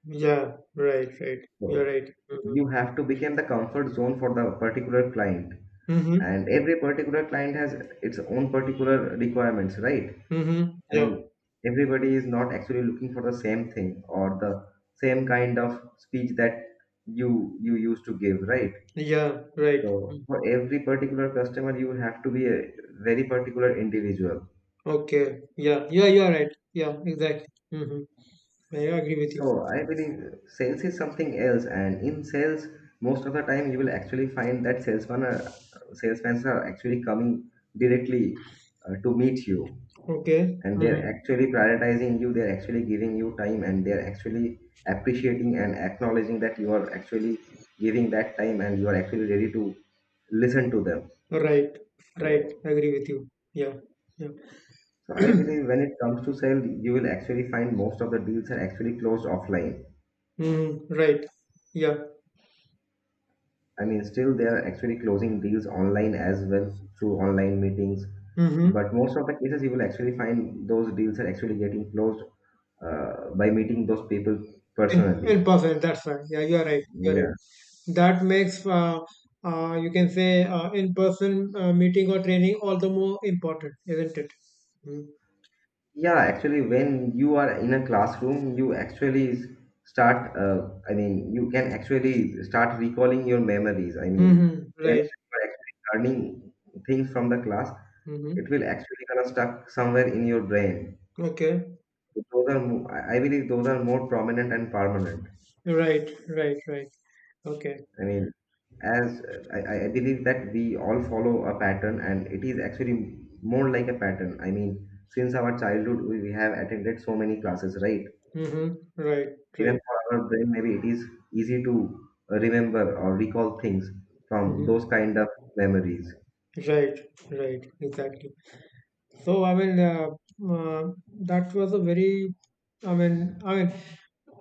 S1: Yeah. Right. Right. You're
S2: So
S1: right. Mhm.
S2: you have to become the comfort zone for the particular client,
S1: Mhm.
S2: and every particular client has its own particular requirements, right?
S1: Mhm.
S2: I
S1: Yeah.
S2: mean, everybody is not actually looking for the same thing, or the same kind of speech that you used to give, right?
S1: Yeah. Right.
S2: So
S1: Mm.
S2: for every particular customer you have to be a very particular individual.
S1: Okay. Yeah. Yeah. You're right. Yeah. Exactly. Mhm. I agree with you.
S2: So I believe sales is something else, and in sales, most of the time you will actually find that salesmen are actually coming directly to meet you,
S1: Okay.
S2: and they're
S1: Mhm.
S2: actually prioritizing you. They're actually giving you time, and they're actually appreciating and acknowledging that you are actually giving that time, and you are actually ready to listen to them.
S1: Right. Right.
S2: So,
S1: Agree with you. Yeah. Yeah.
S2: so I believe when it comes to sale, you will actually find most of the deals are actually closed offline.
S1: Mhm. Right. Yeah.
S2: I mean, still they are actually closing deals online as well, through online meetings.
S1: Mhm.
S2: But most of the cases, you will actually find those deals are actually getting closed by meeting those people
S1: In
S2: personally.
S1: person, that's fine. Yeah, you're right. You're right.
S2: Yeah.
S1: That makes you can say in-person meeting or training all the more important, isn't it? Mm-hmm.
S2: Yeah, actually, when you are in a classroom, you actually start, I mean, you can actually start recalling your memories. I mean,
S1: Mm-hmm.
S2: when
S1: Right.
S2: you are actually learning things from the class, it
S1: Mm-hmm.
S2: will actually kind of stuck somewhere in your brain.
S1: Okay.
S2: Those are, I believe, those are more prominent and permanent.
S1: Right. Right. Right. Okay.
S2: I mean, as I believe that we all follow a pattern, and it is actually more like a pattern. I mean, since our childhood, we have attended so many classes, right?
S1: Mm-hmm. Right.
S2: Even
S1: Right.
S2: for our brain, maybe it is easy to remember or recall things from
S1: Mm-hmm.
S2: those kind of memories.
S1: Right. Right. Exactly. So I mean, uh, that was a very, I mean,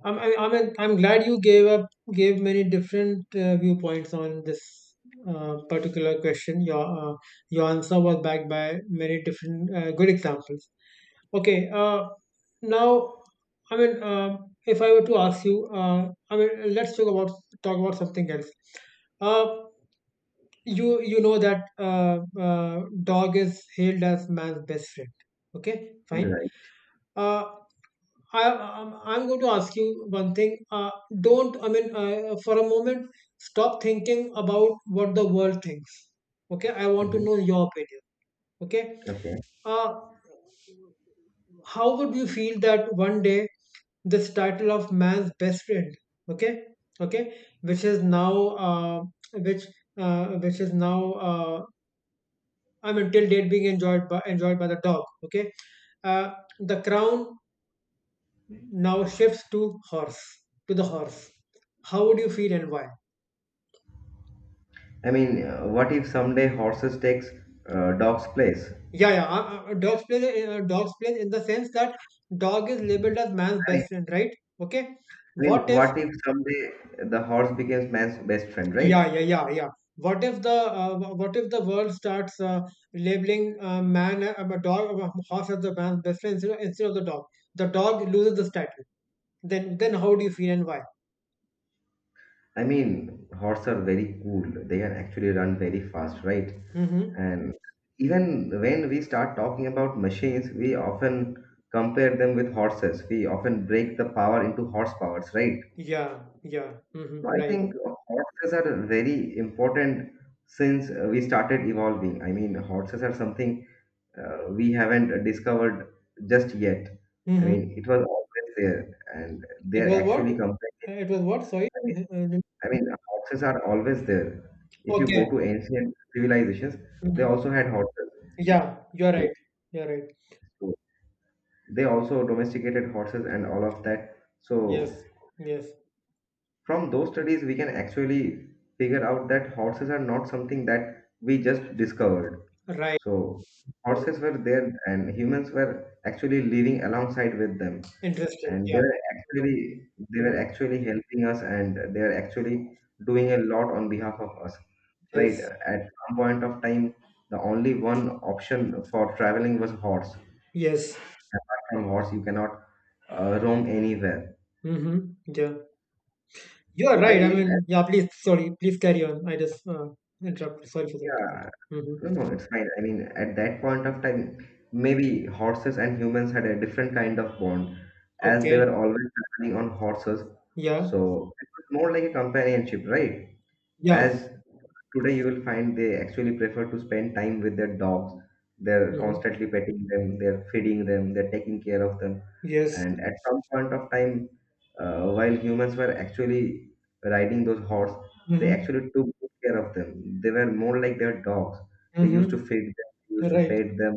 S1: I mean, I'm glad you gave many different viewpoints on this particular question. Your answer was backed by many different good examples. Okay, now, I mean, if I were to ask you, I mean, let's talk about something else. Uh, you you know that dog is hailed as man's best friend. Okay, fine.
S2: Right.
S1: uh, I'm going to ask you one thing. Don't I mean For a moment, stop thinking about what the world thinks. Okay, I want to
S2: Mhm.
S1: know your opinion. Okay,
S2: Okay.
S1: uh, how would you feel that one day this title of man's best friend, okay okay, which is now uh, which which is now uh. I mean, till date being enjoyed by the dog. Okay, uh, the crown now shifts to horse to the horse. How would you feel and why?
S2: I mean, what if someday horses takes dog's place?
S1: Yeah, yeah. Dogs play in the sense that dog is labeled as man's
S2: I
S1: best friend, right? Okay.
S2: I mean,
S1: What if?
S2: what if someday the horse becomes man's best friend,
S1: Yeah,
S2: right?
S1: yeah, yeah, yeah. What if the world starts labeling man a dog a horse as the man's best friend instead of the dog? The dog loses the title. Then how do you feel and why?
S2: I mean, horses are very cool. They can actually run very fast, right?
S1: Mm-hmm.
S2: And even when we start talking about machines, we often compare them with horses. We often break the power into horsepowers, right?
S1: Yeah, yeah, hmm
S2: So I
S1: right.
S2: think horses are very important since we started evolving. I mean, horses are something we haven't discovered just yet. I mean,
S1: hmm
S2: it was always there, and
S1: It
S2: they're
S1: was
S2: actually
S1: what?
S2: complex.
S1: It was what? Sorry.
S2: I mean,
S1: Mhm.
S2: I mean, horses are always there. If you go
S1: Okay.
S2: to ancient civilizations, they
S1: hmm
S2: also had horses.
S1: Yeah, you're right.
S2: So,
S1: You're right.
S2: so they also domesticated horses and all of that. So,
S1: Yes, yes,
S2: from those studies, we can actually figure out that horses are not something that we just discovered.
S1: right.
S2: So,
S1: Right.
S2: horses were there, and humans were actually living alongside with them.
S1: Interesting.
S2: and they
S1: Yeah.
S2: were
S1: Mm-hmm.
S2: actually they were
S1: Mm-hmm.
S2: actually helping us, and they are actually doing a lot on behalf of us, right?
S1: Yes,
S2: At some point of time, the only one option for traveling was horse.
S1: yes.
S2: From horse you cannot roam anywhere.
S1: hmm Yeah, you're
S2: So I
S1: right. I
S2: believe that.
S1: mean, yeah. Please, sorry. Please carry on. I just interrupted. Sorry for that. Yeah.
S2: yeah
S1: hmm
S2: no, no, it's fine. I mean, at that point of time, maybe horses and humans had a different kind of bond, as they
S1: Okay.
S2: were always traveling on horses. So
S1: Yeah.
S2: it was more like a companionship, right?
S1: Yeah.
S2: As today you will find they actually prefer to spend time with their dogs. They're
S1: hmm
S2: constantly petting them, they're feeding them, they're taking care of them.
S1: Yes.
S2: And at some point of time, while humans were actually riding those horse, they
S1: hmm
S2: actually took good care of them. They were more like their dogs. They used to
S1: hmm
S2: feed them, they used to
S1: Right.
S2: pet them,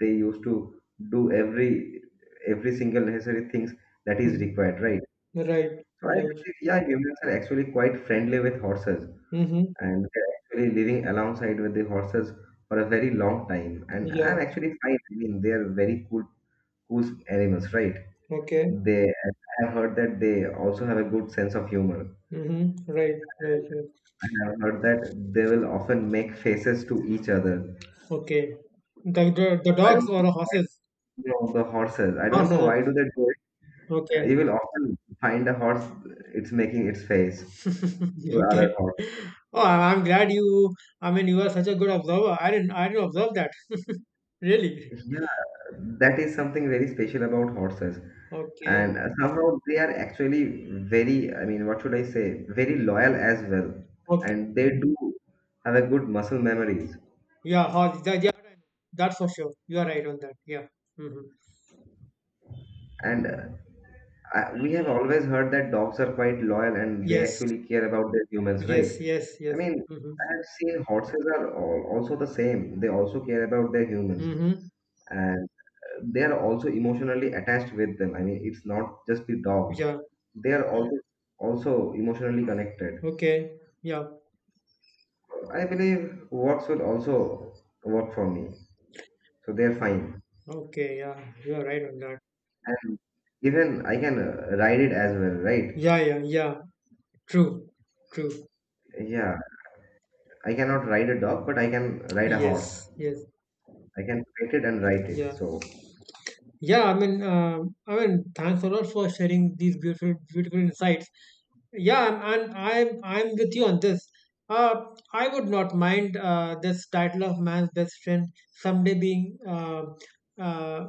S2: they used to do every single necessary things that is
S1: hmm
S2: required, right?
S1: Right.
S2: So I
S1: Right.
S2: believe, yeah, humans are actually quite friendly with horses,
S1: hmm
S2: and we're actually living alongside with the horses for a very long time. And
S1: Yeah.
S2: I'm actually fine. I mean, they are very cool animals, right?
S1: Okay.
S2: They, I have heard that they also have a good sense of humor.
S1: Mm-hmm. Right. Right. Right.
S2: I have heard that they will often make faces to each other.
S1: Okay. The
S2: I
S1: dogs
S2: don't
S1: or horses?
S2: know the horses. I don't know
S1: Horses.
S2: why do they do it. You
S1: Okay.
S2: will often find a horse, it's making its face to other
S1: Okay. Oh, I'm glad you. I mean, you are such a good observer. I didn't. I didn't observe that. Really.
S2: horse. That is something very special about horses. And
S1: Okay.
S2: somehow they are actually very, I mean, what should I say, very loyal as well.
S1: Okay.
S2: And they do have a good muscle memories.
S1: Yeah. Horse. That, yeah. That's for sure. You are right on that. Yeah. Mm-hmm.
S2: And we have always heard that dogs are quite loyal and they
S1: Yes.
S2: actually care about their humans, right?
S1: Yes. Yes.
S2: I
S1: Yes.
S2: mean,
S1: Mm-hmm.
S2: I have seen horses are al- also the same. They also care about their humans,
S1: Mm-hmm.
S2: and they are also emotionally attached with them. I mean, it's not just the dog.
S1: Yeah.
S2: They are also also emotionally connected.
S1: Okay. Yeah.
S2: I believe works will also work for me, so they're fine.
S1: Okay. Yeah. You are right on that.
S2: And even I can ride it as well, right?
S1: Yeah. Yeah. Yeah. True, true.
S2: Yeah, I cannot ride a dog, but I can ride a horse.
S1: Yes, yes,
S2: I can pet it and ride it.
S1: yeah,
S2: So
S1: yeah. I mean, thanks a lot for sharing these beautiful, beautiful insights. Yeah, and I'm with you on this. Uh, I would not mind this title of man's best friend someday being uh,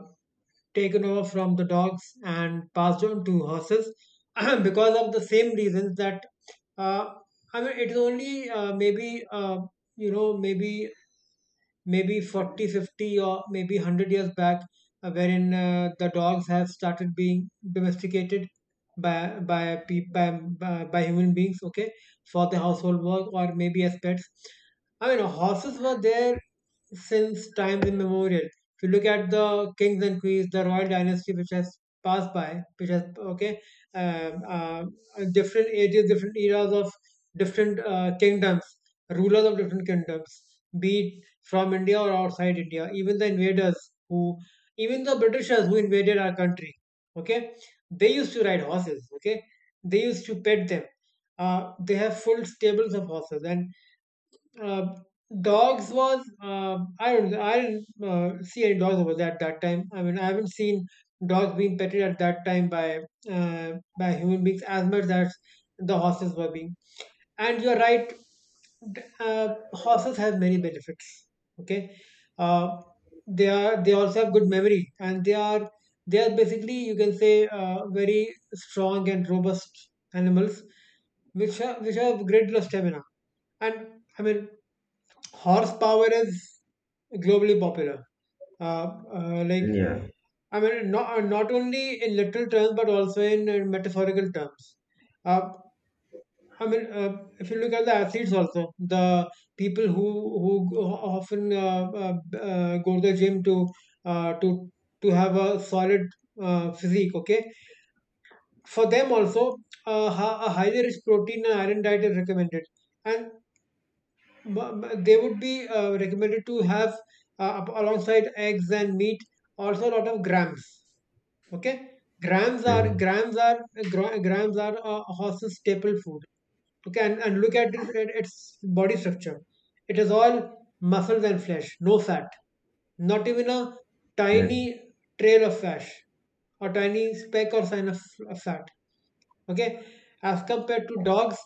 S1: taken over from the dogs and passed on to horses because of the same reasons that uh, I mean, it is only maybe you know maybe maybe 40, 50, or maybe 100 years back, wherein the dogs have started being domesticated by, pe- by human beings, okay, for the household work or maybe as pets. I mean, horses were there since times immemorial. If you look at the kings and queens, the royal dynasty which has passed by, which has okay, um, uh, different ages, different eras of different kingdoms, rulers of different kingdoms, be it from India or outside India, even the invaders who, even the Britishers who invaded our country, okay, they used to ride horses, okay, they used to pet them. They have full stables of horses and uh, dogs was I didn't see any dogs over there at that time. I mean, I haven't seen dogs being petted at that time by human beings as much as the horses were being. And you're right, horses have many benefits. Okay, uh, they also have good memory, and they are basically you can say very strong and robust animals, which have a great deal of stamina. And I mean, horsepower is globally popular. Uh, uh, like
S2: yeah.
S1: I mean, not not only in literal terms, but also in, metaphorical terms. Uh, I mean, if you look at the athletes, also the people who who go- often go to the gym to uh, to to have a solid physique. Okay, for them also, a a highly rich protein and iron diet is recommended, and they would be recommended to have alongside eggs and meat also a lot of grams, okay, grams are
S2: Mhm.
S1: grams are grams are a horse's staple food, okay, and look at its body structure. It is all muscles and flesh, no fat, not even a tiny
S2: Yeah.
S1: trail of fat or tiny speck or sign of fat, okay, as compared to dogs.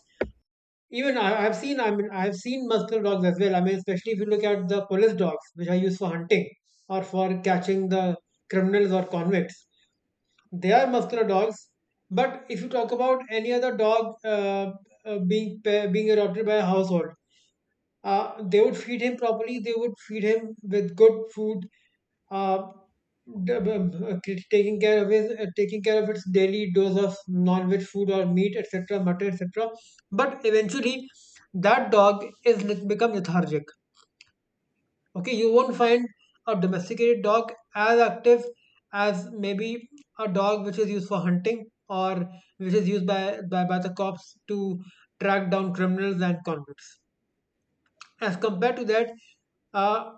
S1: Even I've seen, I mean, I've seen muscular dogs as well. I mean, especially if you look at the police dogs, which are used for hunting or for catching the criminals or convicts. They are muscular dogs. But if you talk about any other dog being being adopted by a household, they would feed him properly. They would feed him with good food uh, d- b- b- taking care of his, taking care of its daily dose of non-veg food or meat, etc., mutton, etc. But eventually, that dog is become lethargic. Okay, you won't find a domesticated dog as active as maybe a dog which is used for hunting or which is used by the cops to track down criminals and convicts. As compared to that, uh,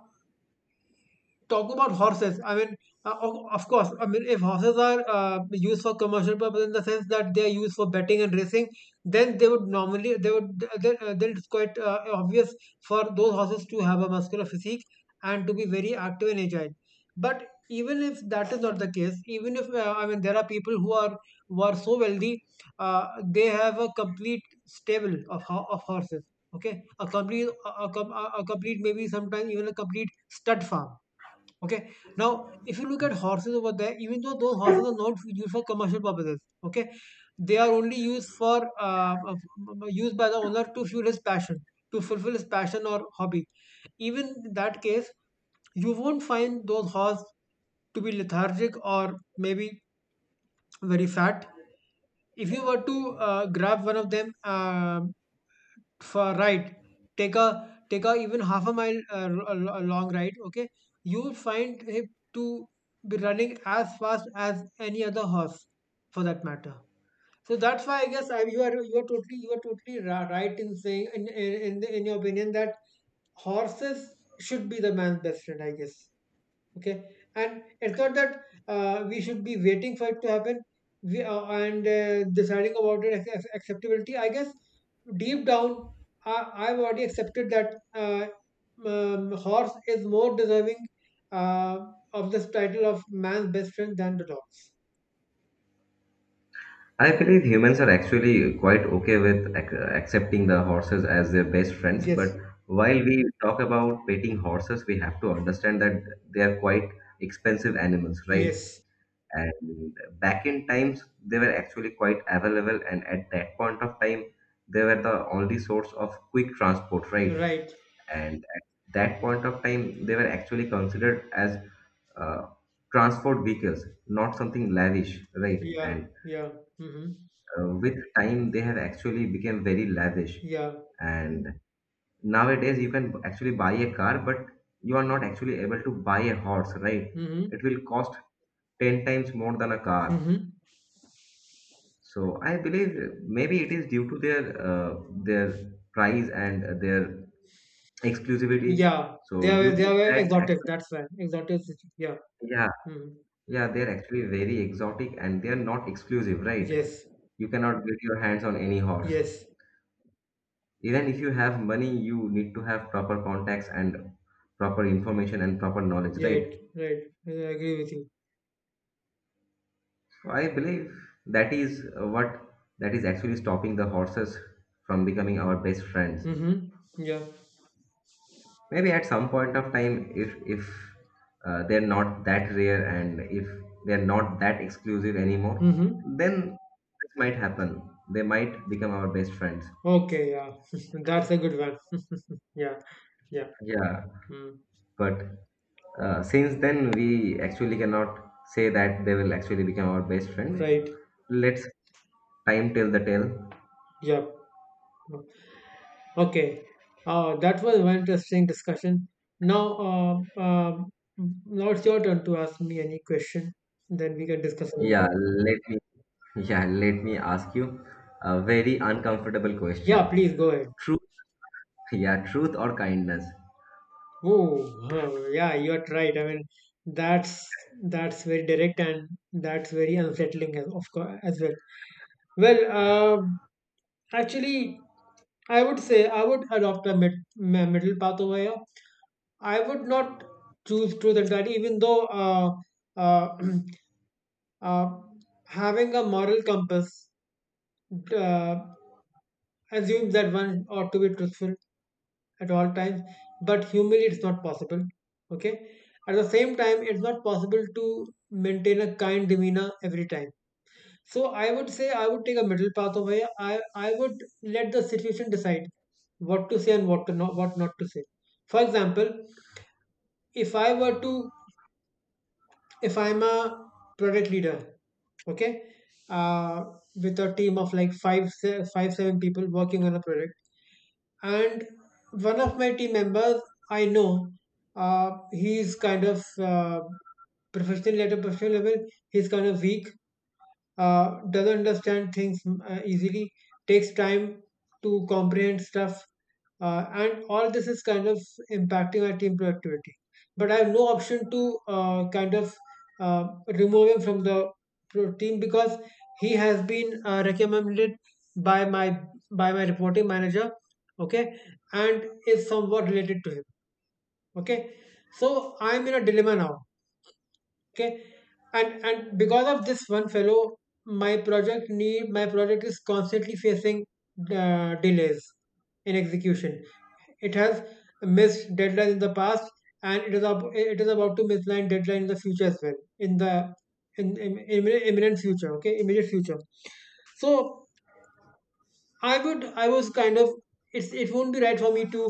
S1: talk about horses. I mean, of course, I mean, if horses are used for commercial purpose in the sense that they are used for betting and racing, then they would normally, then it's quite obvious for those horses to have a muscular physique and to be very active and agile. But even if that is not the case, even if I mean, there are people who are so wealthy, they have a complete stable of of horses. Okay, a complete, a, com- a complete, maybe sometimes even a complete stud farm. Okay. Now, if you look at horses over there, even though those horses are not used for commercial purposes, okay, they are only used for used by the owner to fuel his passion, to fulfill his passion or hobby. Even in that case, you won't find those horses to be lethargic or maybe very fat. If you were to grab one of them, for right. Take a even half a mile a long ride. Okay, you will find him to be running as fast as any other horse, for that matter. So that's why I guess you are totally right in saying in your opinion that horses should be the man's best friend. I guess, okay, and it's not that we should be waiting for it to happen we, and deciding about it as acceptability, I guess. Deep down, I, I've already accepted that horse is more deserving uh, of this title of man's best friend than the dog.
S2: I believe humans are actually quite okay with ac- accepting the horses as their best friends, but
S1: Yes,
S2: while we talk about petting horses, we have to understand that they are quite expensive animals, right?
S1: yes,
S2: And back in times they were actually quite available, and at that point of time they were the only source of quick transport, right?
S1: right.
S2: And at that point of time they were actually considered as uh, transport vehicles, not something lavish, right?
S1: Yeah,
S2: And
S1: yeah. Mm-hmm.
S2: with time they have actually become very lavish.
S1: Yeah.
S2: And nowadays you can actually buy a car, but you are not actually able to buy a horse, right?
S1: Mm-hmm.
S2: It will cost 10 times more than a car.
S1: Mm-hmm.
S2: So I believe maybe it is due to their price and their exclusivity.
S1: Yeah.
S2: So due
S1: They
S2: to
S1: are very
S2: that,
S1: exotic,
S2: actually,
S1: that's right, exotic. Yeah.
S2: yeah,
S1: Mm-hmm.
S2: yeah, they're actually very exotic, and they're not exclusive, right?
S1: Yes,
S2: You cannot get your hands on any horse.
S1: yes.
S2: Even if you have money, you need to have proper contacts and proper information and proper knowledge, right?
S1: Right, right. I agree with you.
S2: So I believe that is what that is actually stopping the horses from becoming our best friends.
S1: Mm-hmm. Yeah.
S2: Maybe at some point of time, if they're not that rare and if they're not that exclusive anymore,
S1: Mm-hmm.
S2: then this might happen. They might become our best friends.
S1: Okay, yeah. That's a good one. Yeah, yeah.
S2: Yeah,
S1: Mm.
S2: but since then we actually cannot say that they will actually become our best friend.
S1: Right.
S2: Let's time tell the tale.
S1: Yeah. Mm. Okay. That was one interesting discussion. Now, now it's your turn to ask me any question. Then we can discuss about
S2: Yeah,
S1: it.
S2: let me yeah let me ask you a very uncomfortable
S1: Yeah,
S2: question.
S1: please go ahead.
S2: Truth, yeah, truth or kindness?
S1: Oh, oh, yeah, you're right. I mean, that's that's very direct and that's very unsettling, as of course as well. Well, um, actually, I would say I would adopt a middle path over here. I would not choose truth entirely, even though uh, uh, having a moral compass uh, assumes that one ought to be truthful at all times, but humanly it's not possible. Okay. At the same time, it's not possible to maintain a kind demeanor every time. So I would say I would take a middle path over here. I would let the situation decide what to say and what to not, what not to say. For example, if I were to if I'm a product leader, okay, uh, with a team of like 5 7 people working on a product, and one of my team members I know, he's kind of professional, at a professional level. He's kind of weak, doesn't understand things easily, takes time to comprehend stuff, and all this is kind of impacting our team productivity. But I have no option to kind of uh, remove him from the team because he has been recommended by my by my reporting manager, okay, and is somewhat related to him, okay. So I'm in a dilemma now, okay, and because of this one fellow my project is constantly facing delays in execution. It has missed deadlines in the past, and it is it is about to miss line deadline in the future as well, in the in imminent future, okay, immediate future. So I was kind of, it's it won't be right for me to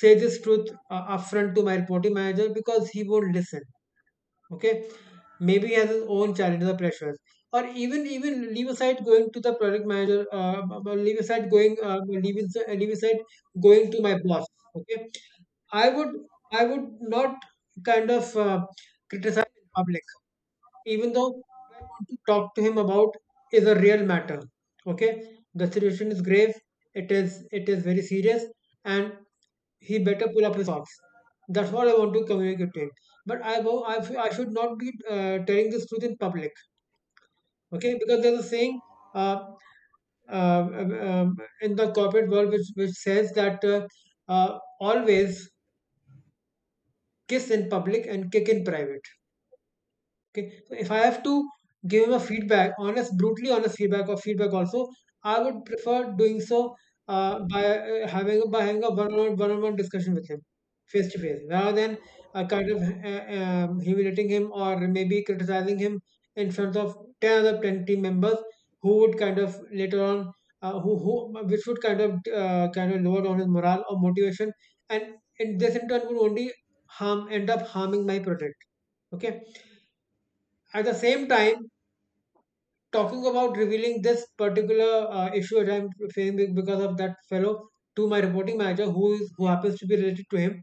S1: say this truth upfront to my reporting manager because he won't listen, okay, maybe he has his own challenges or pressures, or even leave aside going to the product manager, leave aside going, leave aside going to my boss, okay. I would I would not kind of criticize in public even though what I want to talk to him about is a real matter, okay, the situation is grave, it is very serious, and he better pull up his socks. That's what I want to communicate to him. But I go, I, f- I should not be telling this truth in public, okay? Because there's a saying uh, uh, um, um, in the corporate world which says that always kiss in public and kick in private. Okay. So if I have to give him a feedback, honest, brutally honest feedback or feedback also, I would prefer doing so by having a one-on-one discussion with him, face to face, rather than kind of humiliating him or maybe criticizing him in front of ten team members who would kind of later on. Which would kind of lower down his morale or motivation, and in turn would only harm end up harming my project. Okay, at the same time, talking about revealing this particular issue that I'm facing because of that fellow to my reporting manager, who happens to be related to him.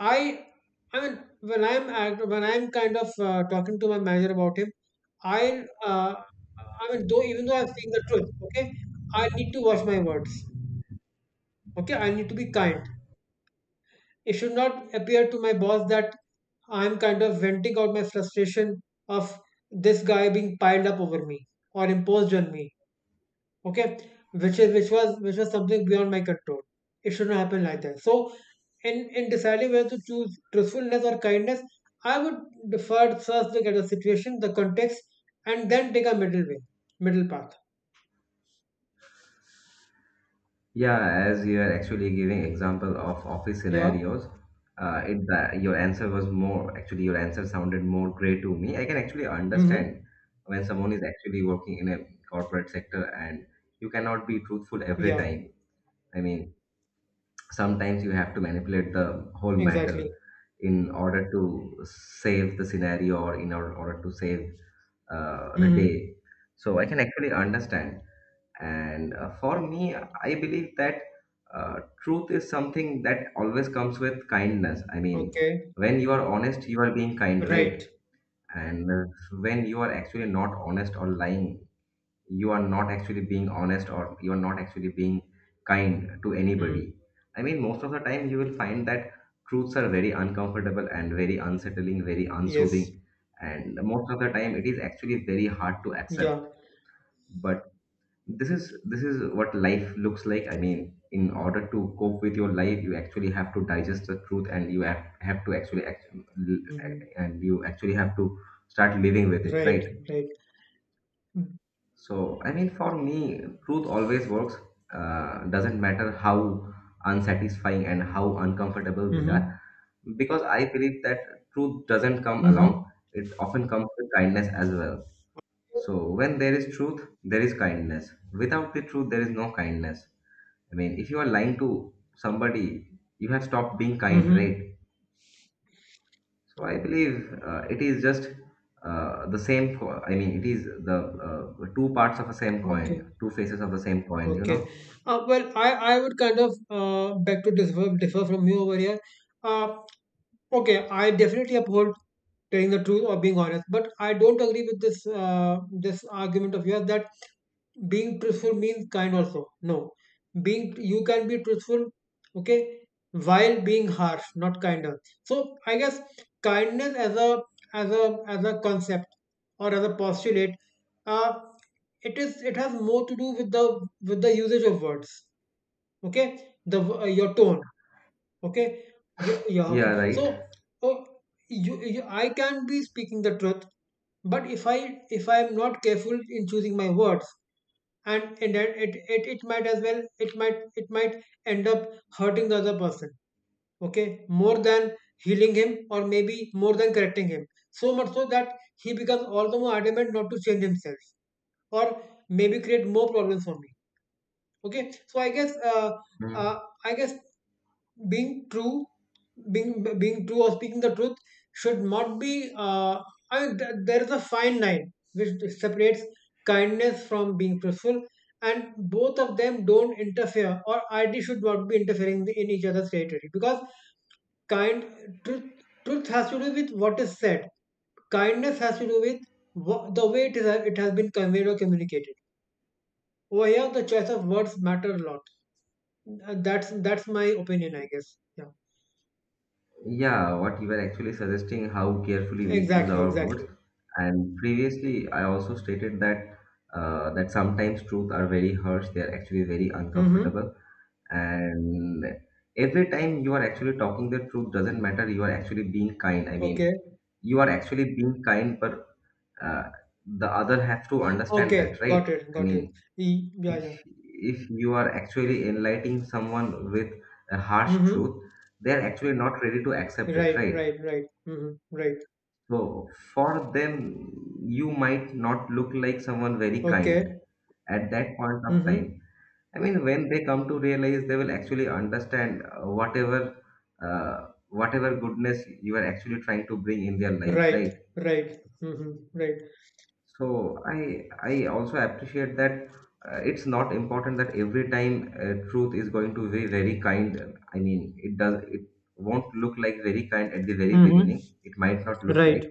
S1: I, I mean, when when I'm kind of talking to my manager about him, I, uh, I mean, though even though I'm saying the truth, okay, I need to watch my words. Okay, I need to be kind. It should not appear to my boss that I'm kind of venting out my frustration of this guy being piled up over me or imposed on me. Okay, which was something beyond my control. It should not happen like that. So in deciding whether to choose truthfulness or kindness, I would defer first look at the situation, the context, and then take a middle path.
S2: Yeah, as you are actually giving example of office
S1: Yeah.
S2: scenarios, it that your answer was more actually your answer sounded more gray to me. I can actually
S1: Mm-hmm.
S2: understand when someone is actually working in a corporate sector and you cannot be truthful every
S1: Yeah,
S2: time. I mean, sometimes you have to manipulate the whole matter
S1: exactly.
S2: in order to save the scenario or in order to save the
S1: Mm-hmm.
S2: day. So I can actually understand. And for me, I believe that truth is something that always comes with kindness. I mean,
S1: Okay.
S2: when you are honest, you are being kind, right?
S1: Right.
S2: And when you are actually not honest or lying, you are not actually being honest, or you are not actually being kind to anybody.
S1: Mm.
S2: I mean, most of the time, you will find that truths are very uncomfortable and very unsettling, very
S1: Yes.
S2: unsoothing. And most of the time, it is actually very hard to
S1: Yeah.
S2: accept. But this is what life looks like. I mean, in order to cope with your life, you actually have to digest the truth, and you have to actually act,
S1: Mm-hmm.
S2: and you actually have to start living with it,
S1: Right.
S2: right?
S1: Right. Mm-hmm.
S2: So I mean, for me, truth always works, doesn't matter how unsatisfying and how uncomfortable they are,
S1: Mm-hmm.
S2: because I believe that truth doesn't come along. It often comes with kindness as well. So when there is truth, there is kindness. Without the truth, there is no kindness. I mean, if you are lying to somebody, you have stopped being kind,
S1: Mm-hmm.
S2: right? So I believe it is just the same. Co- I mean, it is the two parts of a same coin,
S1: Okay.
S2: two faces of the same coin. You
S1: Okay.
S2: know?
S1: Well, I would kind of beg to differ from you over here. Uh, Okay, I definitely uphold telling the truth or being honest, but I don't agree with this this argument of yours that being truthful means kind also. No, being you can be truthful, okay, while being harsh, not kinder. So I guess kindness as a as a concept or as a postulate, uh, it has more to do with the usage of words. Okay, the your tone, okay. Yeah, yeah,
S2: Yeah.
S1: okay, so
S2: Right.
S1: oh, you, I can be speaking the truth, but if I am not careful in choosing my words, and that it might as well, it might end up hurting the other person, okay, more than healing him or maybe more than correcting him, so much so that he becomes all the more adamant not to change himself or maybe create more problems for me. Okay, so I guess uh,
S2: Mm.
S1: I guess being true being being true or speaking the truth should not be I mean, there is a fine line which separates kindness from being truthful, and both of them don't interfere or ideally should not be interfering in each other's territory, because kind truth truth has to do with what is said, kindness has to do with the way it has been conveyed or communicated. Over here the choice of words matter a lot. That's my opinion, I guess. Yeah,
S2: Yeah, what you were actually suggesting, how carefully we choose
S1: exactly,
S2: our words.
S1: exactly.
S2: And previously, I also stated that that sometimes truth are very harsh. They are actually very
S1: Mhm.
S2: uncomfortable. And every time you are actually talking the truth, doesn't matter. You are actually being kind. I mean,
S1: Okay.
S2: you are actually being kind, but uh, the other have to understand
S1: Okay.
S2: that, right?
S1: Got it.
S2: I
S1: Got it.
S2: mean,
S1: Yeah.
S2: if
S1: Yeah.
S2: you are actually enlightening someone with a harsh
S1: Mhm.
S2: truth, they're actually not ready to accept it,
S1: Right.
S2: right?
S1: Right. Right. Mhm. Right.
S2: So for them, you might not look like someone very kind
S1: Okay.
S2: at that point of time.
S1: Mhm.
S2: I mean, when they come to realize, they will actually understand whatever uh, whatever goodness you are actually trying to bring in their lives,
S1: Right.
S2: right?
S1: Right. Mhm. Right.
S2: So I also appreciate that it's not important that every time truth is going to be very kind. I mean, it does it won't look like very kind at the very
S1: Mhm.
S2: beginning. It might not look
S1: Right.
S2: like,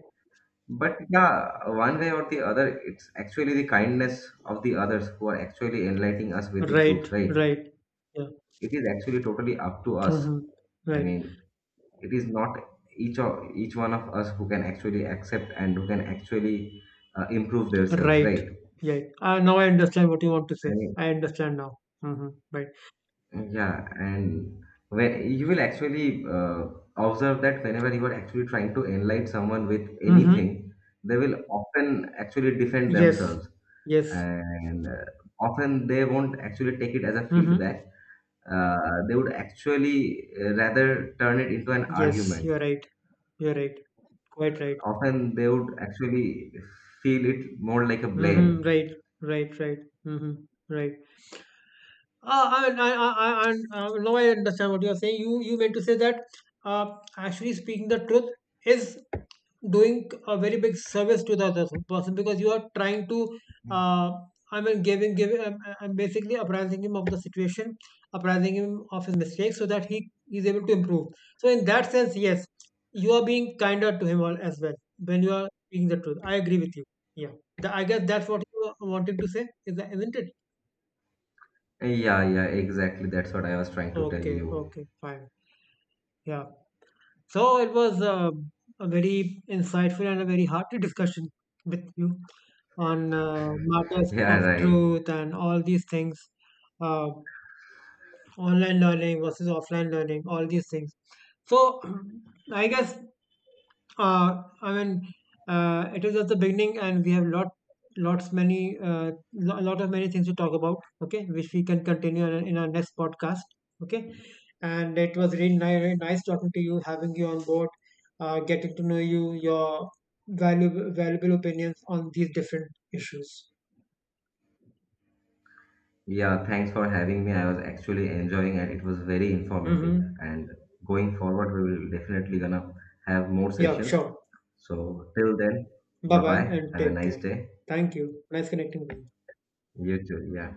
S2: but yeah, one way or the other, it's actually the kindness of the others who are actually enlightening us with the truth,
S1: Right.
S2: right?
S1: Right. Yeah.
S2: It is actually totally up to us.
S1: Mhm.
S2: I
S1: Right.
S2: mean, it is not each one of us who can actually accept and who can actually improve themselves,
S1: Right.
S2: right?
S1: Yeah. Now I understand what you want to say.
S2: I mean,
S1: I understand now. Mhm. Right.
S2: yeah, and when you will actually observe that whenever you are actually trying to enlighten someone with
S1: Mhm.
S2: anything, they will often actually defend
S1: Yes.
S2: themselves,
S1: Yes.
S2: and often they won't actually take it as a
S1: Mhm.
S2: feedback. Uh, they would actually rather turn it into an
S1: Yes.
S2: argument.
S1: You're right. You're right. Quite right.
S2: Often they would actually feel it more like a
S1: Mhm.
S2: blame.
S1: Right. Right. Right. Mhm. Right. Now I understand what you are saying. You meant to say that uh, actually speaking the truth is doing a very big service to the other person, because you are trying to uh, I mean, giving basically apprising him of the situation, apprising him of his mistakes so that he is able to improve. So in that sense, yes, you are being kinder to him all as well when you are speaking the truth. I agree with you. Yeah, I guess that's what you were wanting to say, is isn't it?
S2: Yeah, yeah, exactly. That's what I was trying to tell
S1: Okay,
S2: you.
S1: okay, fine. Yeah. So it was a very insightful and a very hearty discussion with you on matters
S2: Yeah,
S1: of
S2: right.
S1: truth and all these things, uh, online learning versus offline learning, all these things. So I guess I mean, it is at the beginning, and we have lots many, lot of many things to talk about. Okay, which we can continue in our next podcast. Okay, and it was really nice talking to you, having you on board, getting to know you, your valuable opinions on these different issues.
S2: Yeah, thanks for having me. I was actually enjoying it. It was very informative.
S1: Mm-hmm.
S2: And going forward, we will definitely gonna have more
S1: Yeah,
S2: sessions.
S1: sure.
S2: So till then,
S1: Bye
S2: bye
S1: bye,
S2: bye.
S1: and
S2: Have a
S1: take
S2: nice
S1: care.
S2: day.
S1: Thank you. Nice connecting with you.
S2: You too. Yeah.